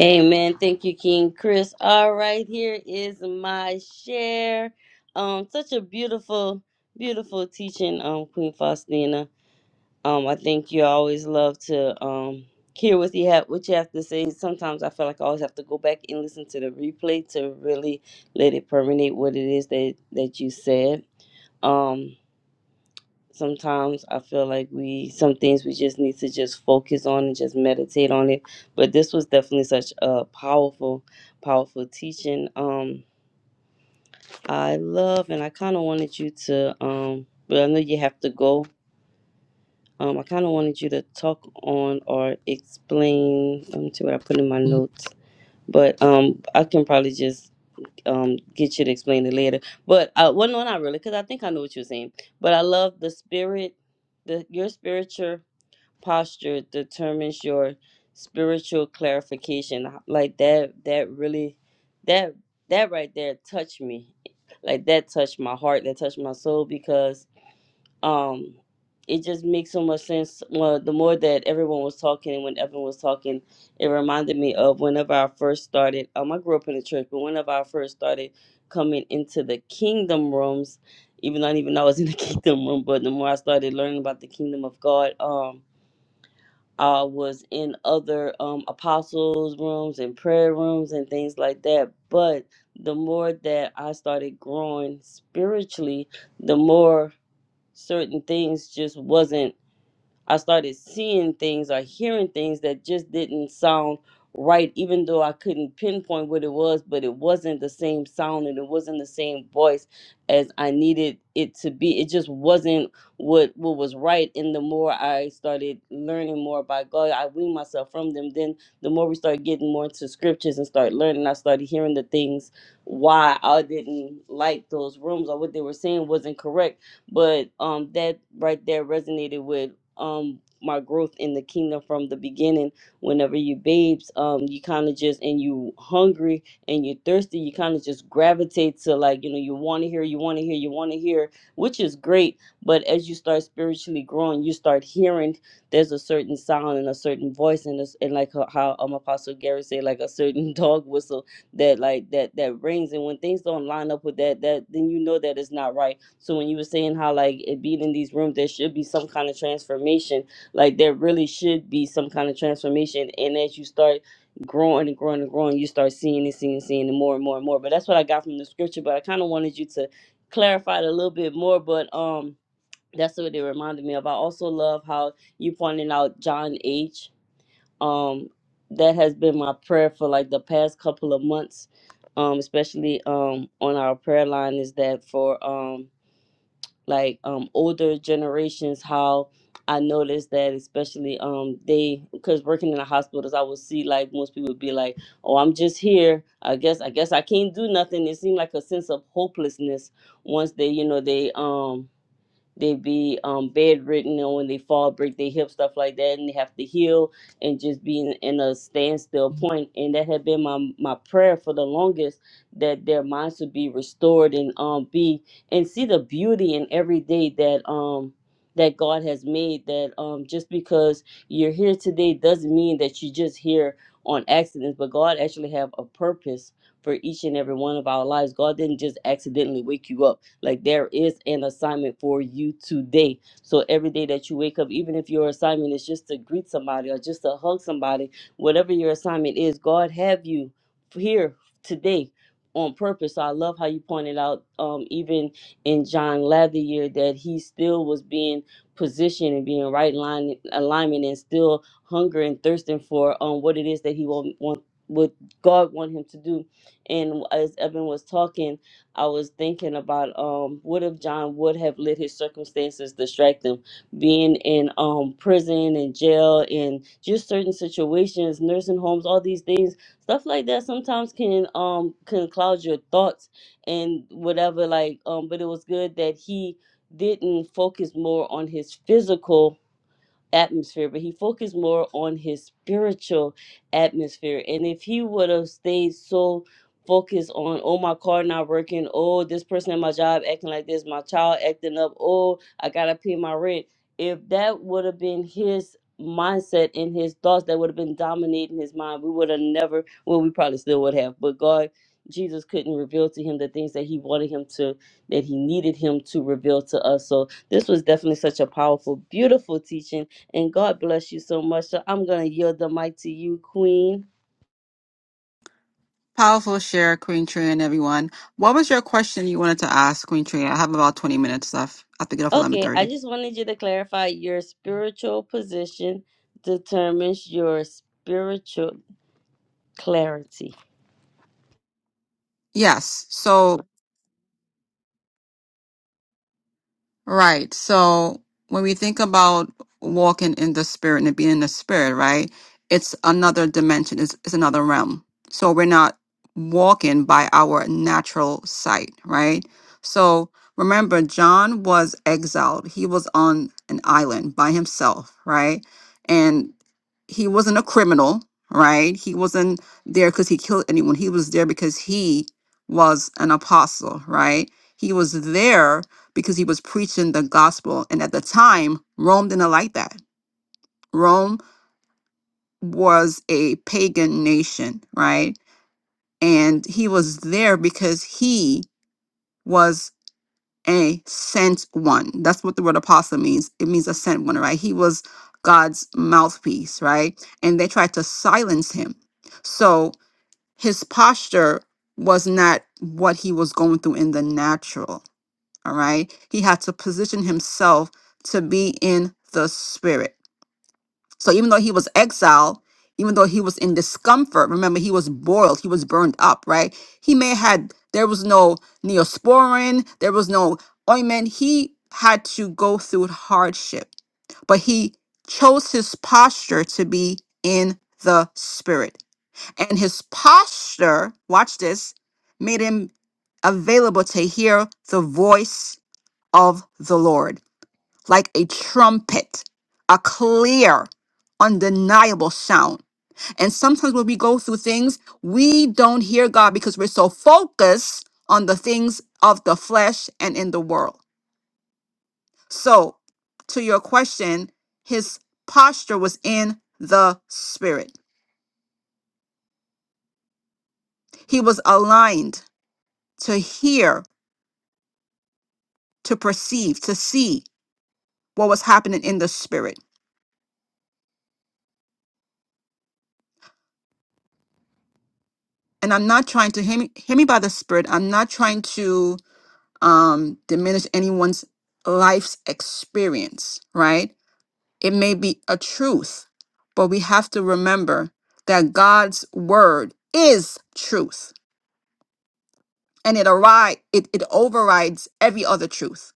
A: Amen. Thank you, King Chris. All right, here is my share. Um, such a beautiful, beautiful teaching, um, Queen Faustina. Um, I think you always love to um hear what you have what you have to say. Sometimes I feel like I always have to go back and listen to the replay to really let it permeate what it is that that you said. Um, sometimes I feel like we some things we just need to just focus on and just meditate on it. But this was definitely such a powerful, powerful teaching. Um, I love and I kind of wanted you to um, but I know you have to go Um, I kind of wanted you to talk on or explain Let me see what I put in my notes, but um, I can probably just um, get you to explain it later. But uh, well, no, not really, because I think I know what you're saying. But I love the spirit. The your spiritual posture determines your spiritual clarification. Like that. That really. That that right there touched me. Like that touched my heart. That touched my soul because um it just makes so much sense well, the more that everyone was talking and when everyone was talking it reminded me of whenever i first started um i grew up in the church but whenever i first started coming into the kingdom rooms even though i didn't even know i was in the *laughs* kingdom room but the more i started learning about the kingdom of god um i was in other um apostles rooms and prayer rooms and things like that but the more that i started growing spiritually the more certain things just wasn't I started seeing things or hearing things that just didn't sound right, even though I couldn't pinpoint what it was, but it wasn't the same sound and it wasn't the same voice as I needed it to be. It just wasn't what what was right. And the more I started learning more about God, I weaned myself from them. Then the more we started getting more into scriptures and start learning, I started hearing the things why I didn't like those rooms or what they were saying wasn't correct but um that right there resonated with um my growth in the kingdom from the beginning whenever you babes um you kind of just and you hungry and you thirsty you kind of just gravitate to like you know you want to hear you want to hear you want to hear which is great but as you start spiritually growing you start hearing there's a certain sound and a certain voice and, it's- and like how, how um apostle gary said like a certain *laughs* dog whistle that like that that rings and when things don't line up with that that then you know that it's not right so when you were saying how like it being in these rooms there should be some kind of transformation like there really should be some kind of transformation and as you start growing and growing and growing you start seeing and seeing and seeing and more and more and more but that's what i got from the scripture but i kind of wanted you to clarify it a little bit more but um that's what it reminded me of i also love how you pointed out john h um that has been my prayer for like the past couple of months um especially um on our prayer line is that for um like um older generations how i noticed that especially um they because working in the hospitals i would see like most people would be like oh i'm just here i guess i guess i can't do nothing it seemed like a sense of hopelessness once they you know they um they be um, bedridden, and when they fall, break their hip, stuff like that, and they have to heal and just be in, in a standstill point. And that had been my my prayer for the longest that their minds would be restored and um be and see the beauty in every day that um that God has made. That um just because you're here today doesn't mean that you're just here on accident. but God actually have a purpose for each and every one of our lives. God didn't just accidentally wake you up. Like there is an assignment for you today. So every day that you wake up, even if your assignment is just to greet somebody or just to hug somebody, whatever your assignment is, God have you here today on purpose. So I love how you pointed out, um, even in John Lathier, that he still was being positioned and being right line alignment and still hunger and thirsting for um what it is that he will want what God want him to do. And as Evan was talking, I was thinking about um, what if John would have let his circumstances distract him? Being in um, prison and jail and just certain situations, nursing homes, all these things, stuff like that sometimes can um can cloud your thoughts and whatever. Like um, but it was good that he didn't focus more on his physical atmosphere, but he focused more on his spiritual atmosphere. And if he would have stayed so focused on, oh, my car not working, oh, this person at my job acting like this, my child acting up, oh, I gotta pay my rent. If that would have been his mindset and his thoughts that would have been dominating his mind, we would have never, well, we probably still would have, but God, Jesus couldn't reveal to him the things that he wanted him to, that he needed him to reveal to us. So this was definitely such a powerful, beautiful teaching and God bless you so much. So I'm going to yield the mic to you, Queen.
D: Powerful share, Queen Tree, and everyone. What was your question you wanted to ask, Queen Tree? I have about 20 minutes left. I have to get off at
A: Okay, I
D: 11.30.
A: just wanted you to clarify your spiritual position determines your spiritual clarity.
D: Yes. So Right. So when we think about walking in the spirit and being in the spirit, right, it's another dimension, it's, it's another realm. So we're not walking by our natural sight, right? So remember, John was exiled, he was on an island by himself, right? And he wasn't a criminal, right? He wasn't there because he killed anyone, he was there because he was an apostle, right? He was there because he was preaching the gospel. And at the time, Rome didn't like that. Rome was a pagan nation, right? And he was there because he was a sent one. That's what the word apostle means. It means a sent one, right? He was God's mouthpiece, right? And they tried to silence him. So his posture was not what he was going through in the natural All right. He had to position himself to be in the spirit. So even though he was exiled, even though he was in discomfort, remember he was boiled, he was burned up, right? He may had there was no neosporin, there was no ointment. He had to go through hardship, but he chose his posture to be in the spirit. And his posture, watch this, made him available to hear the voice of the Lord, like a trumpet, a clear, undeniable sound. And sometimes when we go through things, we don't hear God because we're so focused on the things of the flesh and in the world. So, to your question, his posture was in the spirit. He was aligned to hear, to perceive, to see what was happening in the spirit. And I'm not trying to hear me, hear me by the spirit. I'm not trying to um, diminish anyone's life's experience, right? It may be a truth, but we have to remember that God's word is truth and it, arri- it, it overrides every other truth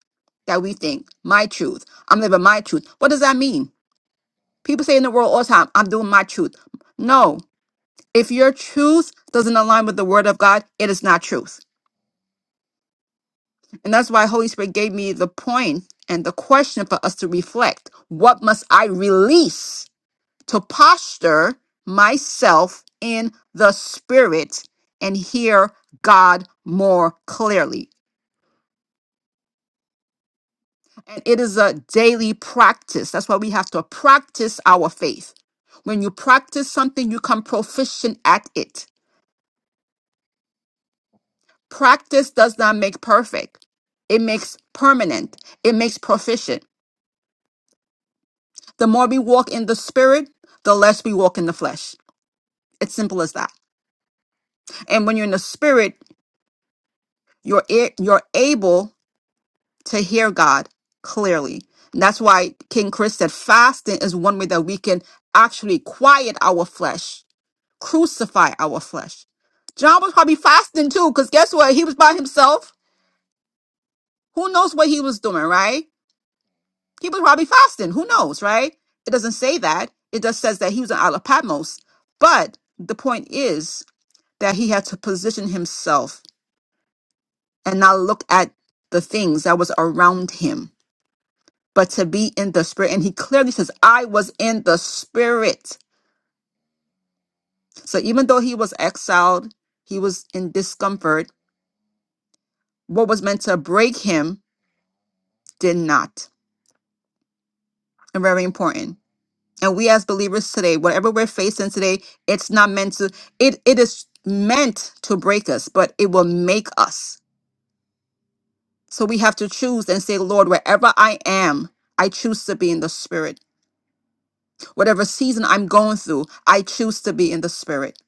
D: that we think. My truth. I'm living my truth. What does that mean? People say in the world all the time, I'm doing my truth. No, if your truth doesn't align with the word of God, it is not truth And that's why Holy Spirit gave me the point and the question for us to reflect. What must I release to posture myself in the spirit and hear God more clearly? And it is a daily practice. That's why we have to practice our faith. When you practice something, you become proficient at it. Practice does not make perfect. It makes permanent. It makes proficient. The more we walk in the spirit, the less we walk in the flesh. It's simple as that. And when you're in the spirit, you're a- you're able to hear God clearly. And that's why King Chris said fasting is one way that we can actually quiet our flesh, crucify our flesh. John was probably fasting too, because guess what? He was by himself. Who knows what he was doing, right? He was probably fasting. Who knows, right? It doesn't say that. It just says that he was on Isle of Patmos. But the point is, that he had to position himself and not look at the things that was around him, but to be in the spirit. And he clearly says, I was in the spirit. So even though he was exiled, he was in discomfort, what was meant to break him did not. And very important. And we as believers today, whatever we're facing today, it's not meant to, it, it is meant to break us, but it will make us. So we have to choose and say, Lord, wherever I am, I choose to be in the spirit. Whatever season I'm going through, I choose to be in the spirit.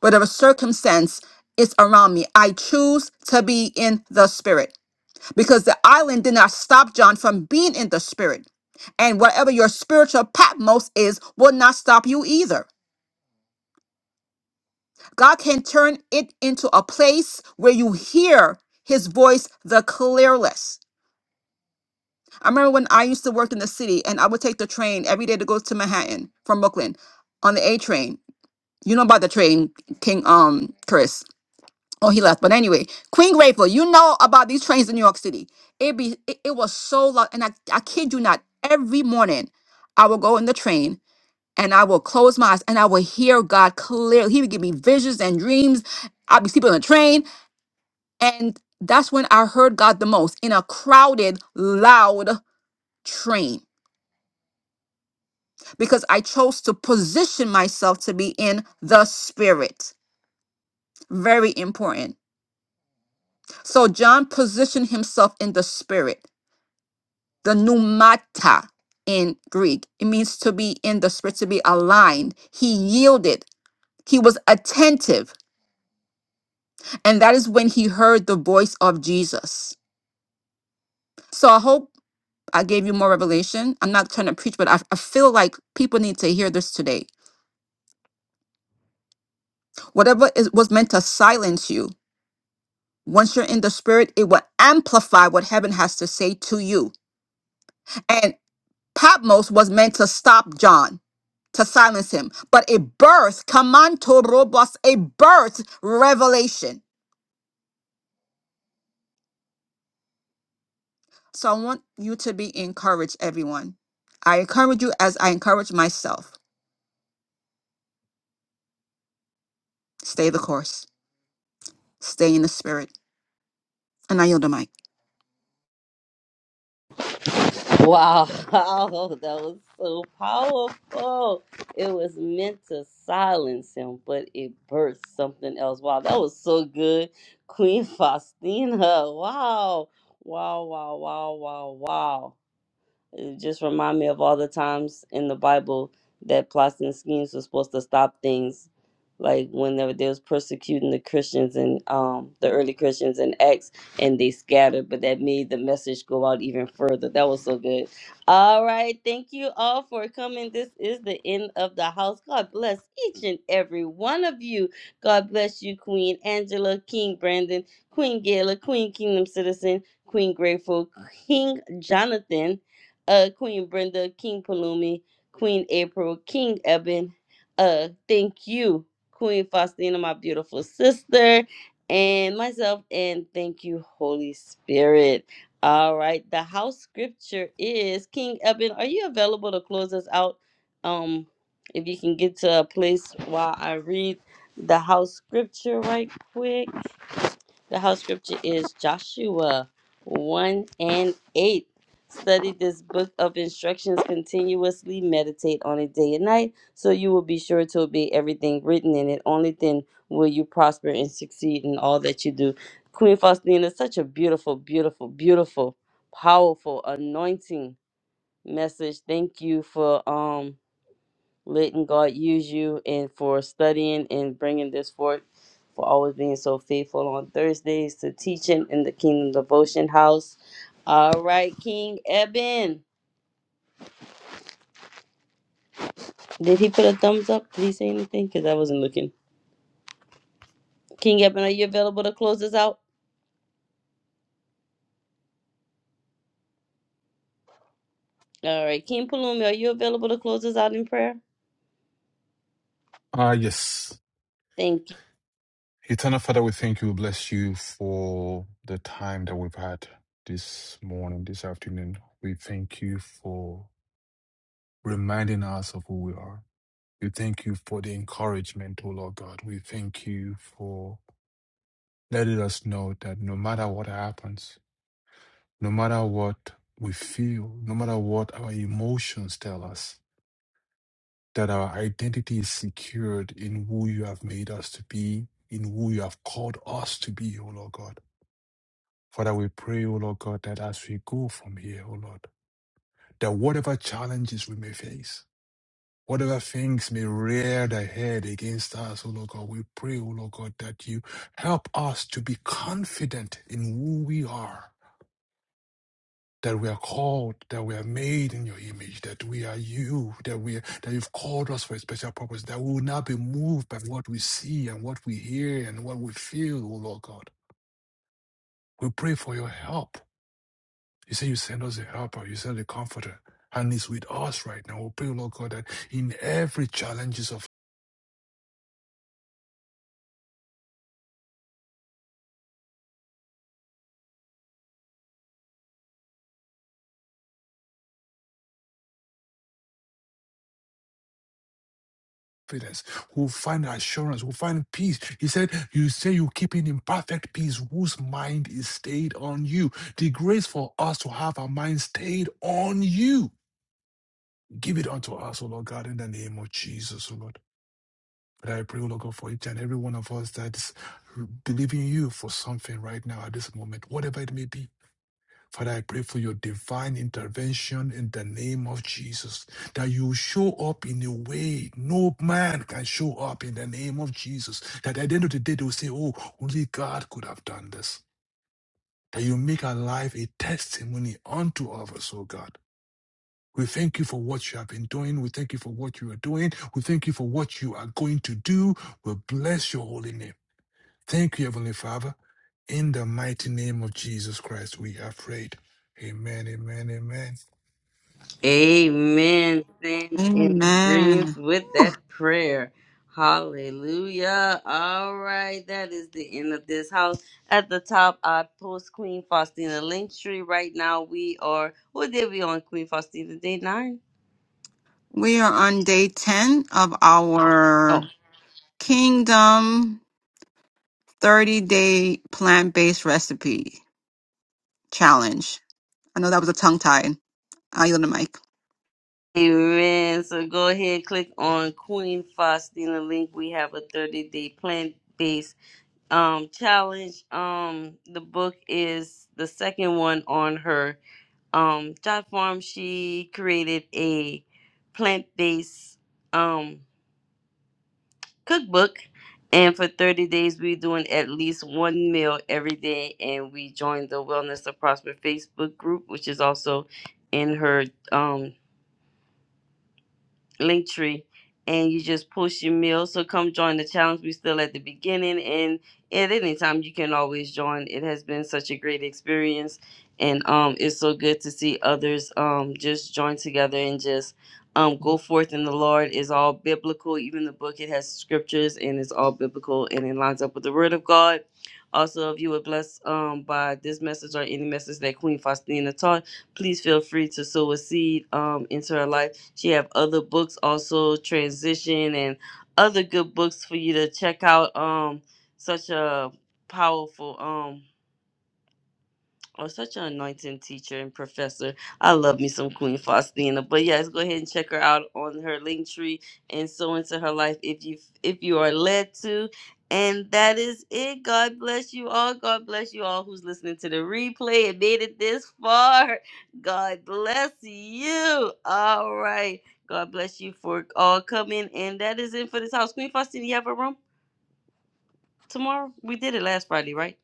D: Whatever circumstance is around me, I choose to be in the spirit because the island did not stop John from being in the spirit. And whatever your spiritual Patmos is will not stop you either. God can turn it into a place where you hear his voice the clearless. I remember when I used to work in the city and I would take the train every day to go to Manhattan from Brooklyn on the A train You know about the train, King um Chris. Oh, he left. But anyway, Queen Grateful, you know about these trains in New York City. It be it, it was so long, and I, I kid you not, every morning I will go in the train and I will close my eyes and I will hear God clearly. He would give me visions and dreams. I'll be sleeping on the train. And that's when I heard God the most in a crowded, loud train. Because I chose to position myself to be in the spirit. Very important So John positioned himself in the spirit, the pneumata in Greek. It means to be in the spirit, to be aligned. He yielded, he was attentive. And that is when he heard the voice of Jesus. So I hope I gave you more revelation. I'm not trying to preach, but I, I feel like people need to hear this today. Whatever is, was meant to silence you, once you're in the spirit, it will amplify what heaven has to say to you. Patmos was meant to stop John, to silence him, but a birth, kamanto robos, a birth revelation. So I want you to be encouraged, everyone. I encourage you as I encourage myself. Stay the course, stay in the spirit. And I yield the mic.
A: Wow, *laughs* that was so powerful. It was meant to silence him, but it birthed something else. Wow, that was so good. Queen *laughs* Faustina. Wow. Wow, wow, wow, wow, wow. It just remind me of all the times in the Bible that plots and schemes were supposed to stop things, like whenever they, they was persecuting the Christians and um the early Christians in Acts, and they scattered, but that made the message go out even further. That was so good. All right, thank you all for coming. This is the end of the house. God bless each and every one of you. God bless you, Queen Angela, King Brandon, Queen Gayla, Queen Kingdom Citizen. Queen Grateful, King Jonathan, uh, Queen Brenda, King Palumi, Queen April, King Eben. Uh, thank you, Queen Faustina, my beautiful sister, and myself, and thank you, Holy Spirit. All right, the house scripture is King Eben. Are you available to close us out? Um, if you can get to a place while I read the house scripture right quick. The house scripture is Joshua 1 and 8. Study this book of instructions continuously, meditate on it day and night, so you will be sure to obey everything written in it. Only then will you prosper and succeed in all that you do. Queen Faustina, such a beautiful, beautiful, beautiful, powerful, anointing message. Thank you for um letting God use you and for studying and bringing this forth, for always being so faithful on Thursdays to teaching in the Kingdom Devotion House. All right, King Eben. Did he put a thumbs up? Did he say anything? Because I wasn't looking. King Eben, are you available to close us out? All right. King Palumi, are you available to close us out in prayer?
E: Ah, yes.
A: Thank you.
E: Eternal Father, we thank you. We bless you for the time that we've had.
A: Amen. Stand in agreement
D: Amen.
A: with
D: Whew.
A: that prayer. Hallelujah. All right. That is the end of this house. At the top, I post Queen Faustina Linktree. Right now, we are, what did we on Queen Faustina? Day nine?
D: We are on day 10 of
A: Oh.
D: our Kingdom 30 Day Plant Based Recipe Challenge. I know that was a tongue tie. I yield the mic.
A: Amen. So go ahead, click on Queen Faustina link. We have a 30 day plant based um challenge. Um, the book is the second one on her um Dot Farm she created a plant-based um cookbook and for 30 days we're doing at least one meal every day and we joined the Wellness to Prosper Facebook group which is also in her um link tree and you just post your meal. So come join the challenge. We're still at the beginning and at any time you can always join. It has been such a great experience and um it's so good to see others um just join together and just um go forth in the Lord is all biblical. Even the book it has scriptures and it's all biblical and it lines up with the word of God. Also, if you were blessed um, by this message or any message that Queen Faustina taught, please feel free to sow a seed um, into her life. She have other books also, Transition and other good books for you to check out. Um, such a powerful. Um. Oh, such an anointing teacher and professor. I love me some Queen Faustina. But yes, go ahead and check her out on her link tree and so into her life if you if you are led to. And that is it. God bless you all. God bless you all who's listening to the replay and made it this far. God bless you. All right. God bless you for all coming. And that is it for this house. Queen Faustina, you have a room tomorrow? We did it last Friday, right?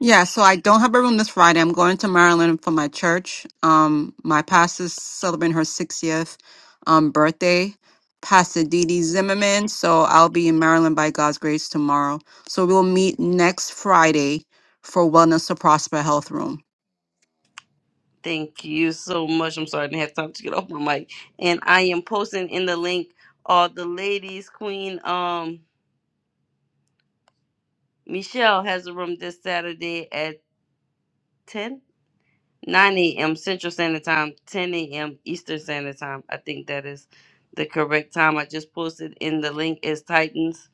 D: Yeah, so I don't have a room this Friday. I'm going to Maryland for my church. Um, my pastor's celebrating her 60th um, birthday, Pastor Dee Dee Zimmerman. So I'll be in Maryland by God's grace tomorrow. So we'll meet next Friday for Wellness to Prosper Health Room.
A: Thank you so much. I'm sorry I didn't have time to get off my mic. And I am posting in the link all the ladies. Queen um Michelle has a room this Saturday at 10. 9 a.m. Central Standard Time, 10 a.m. Eastern Standard Time. I think that is the correct time. I just posted in the link is Titans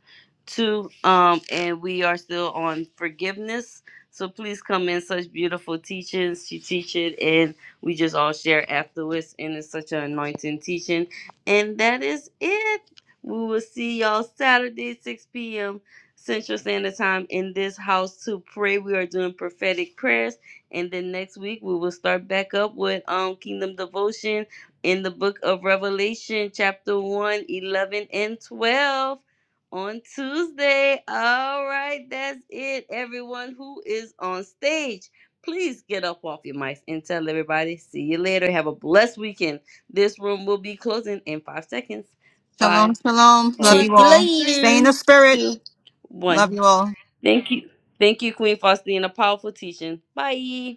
A: 2. Um, and we are still on forgiveness. So please come in such beautiful teachings. She teach it and we just all share afterwards. And it's such an anointing teaching. And that is it. We will see y'all Saturday, 6 p.m. Central Standard Time in this house to pray. We are doing prophetic prayers and then next week we will start back up with um Kingdom Devotion in the book of Revelation, chapter one 11 and 12 on Tuesday. All right, that's it. Everyone who is on stage, please get up off your mics and tell everybody. See you later. Have a blessed weekend. This room will be closing in five seconds. Five,
D: Shalom, shalom. Love
C: Check
A: four,
D: you
C: you
D: all.
A: three,
D: Stay in
C: later.
D: the spirit.
A: two, one.
D: Love you all.
A: Thank you. Thank you, Queen Faustina. Powerful teaching. Bye.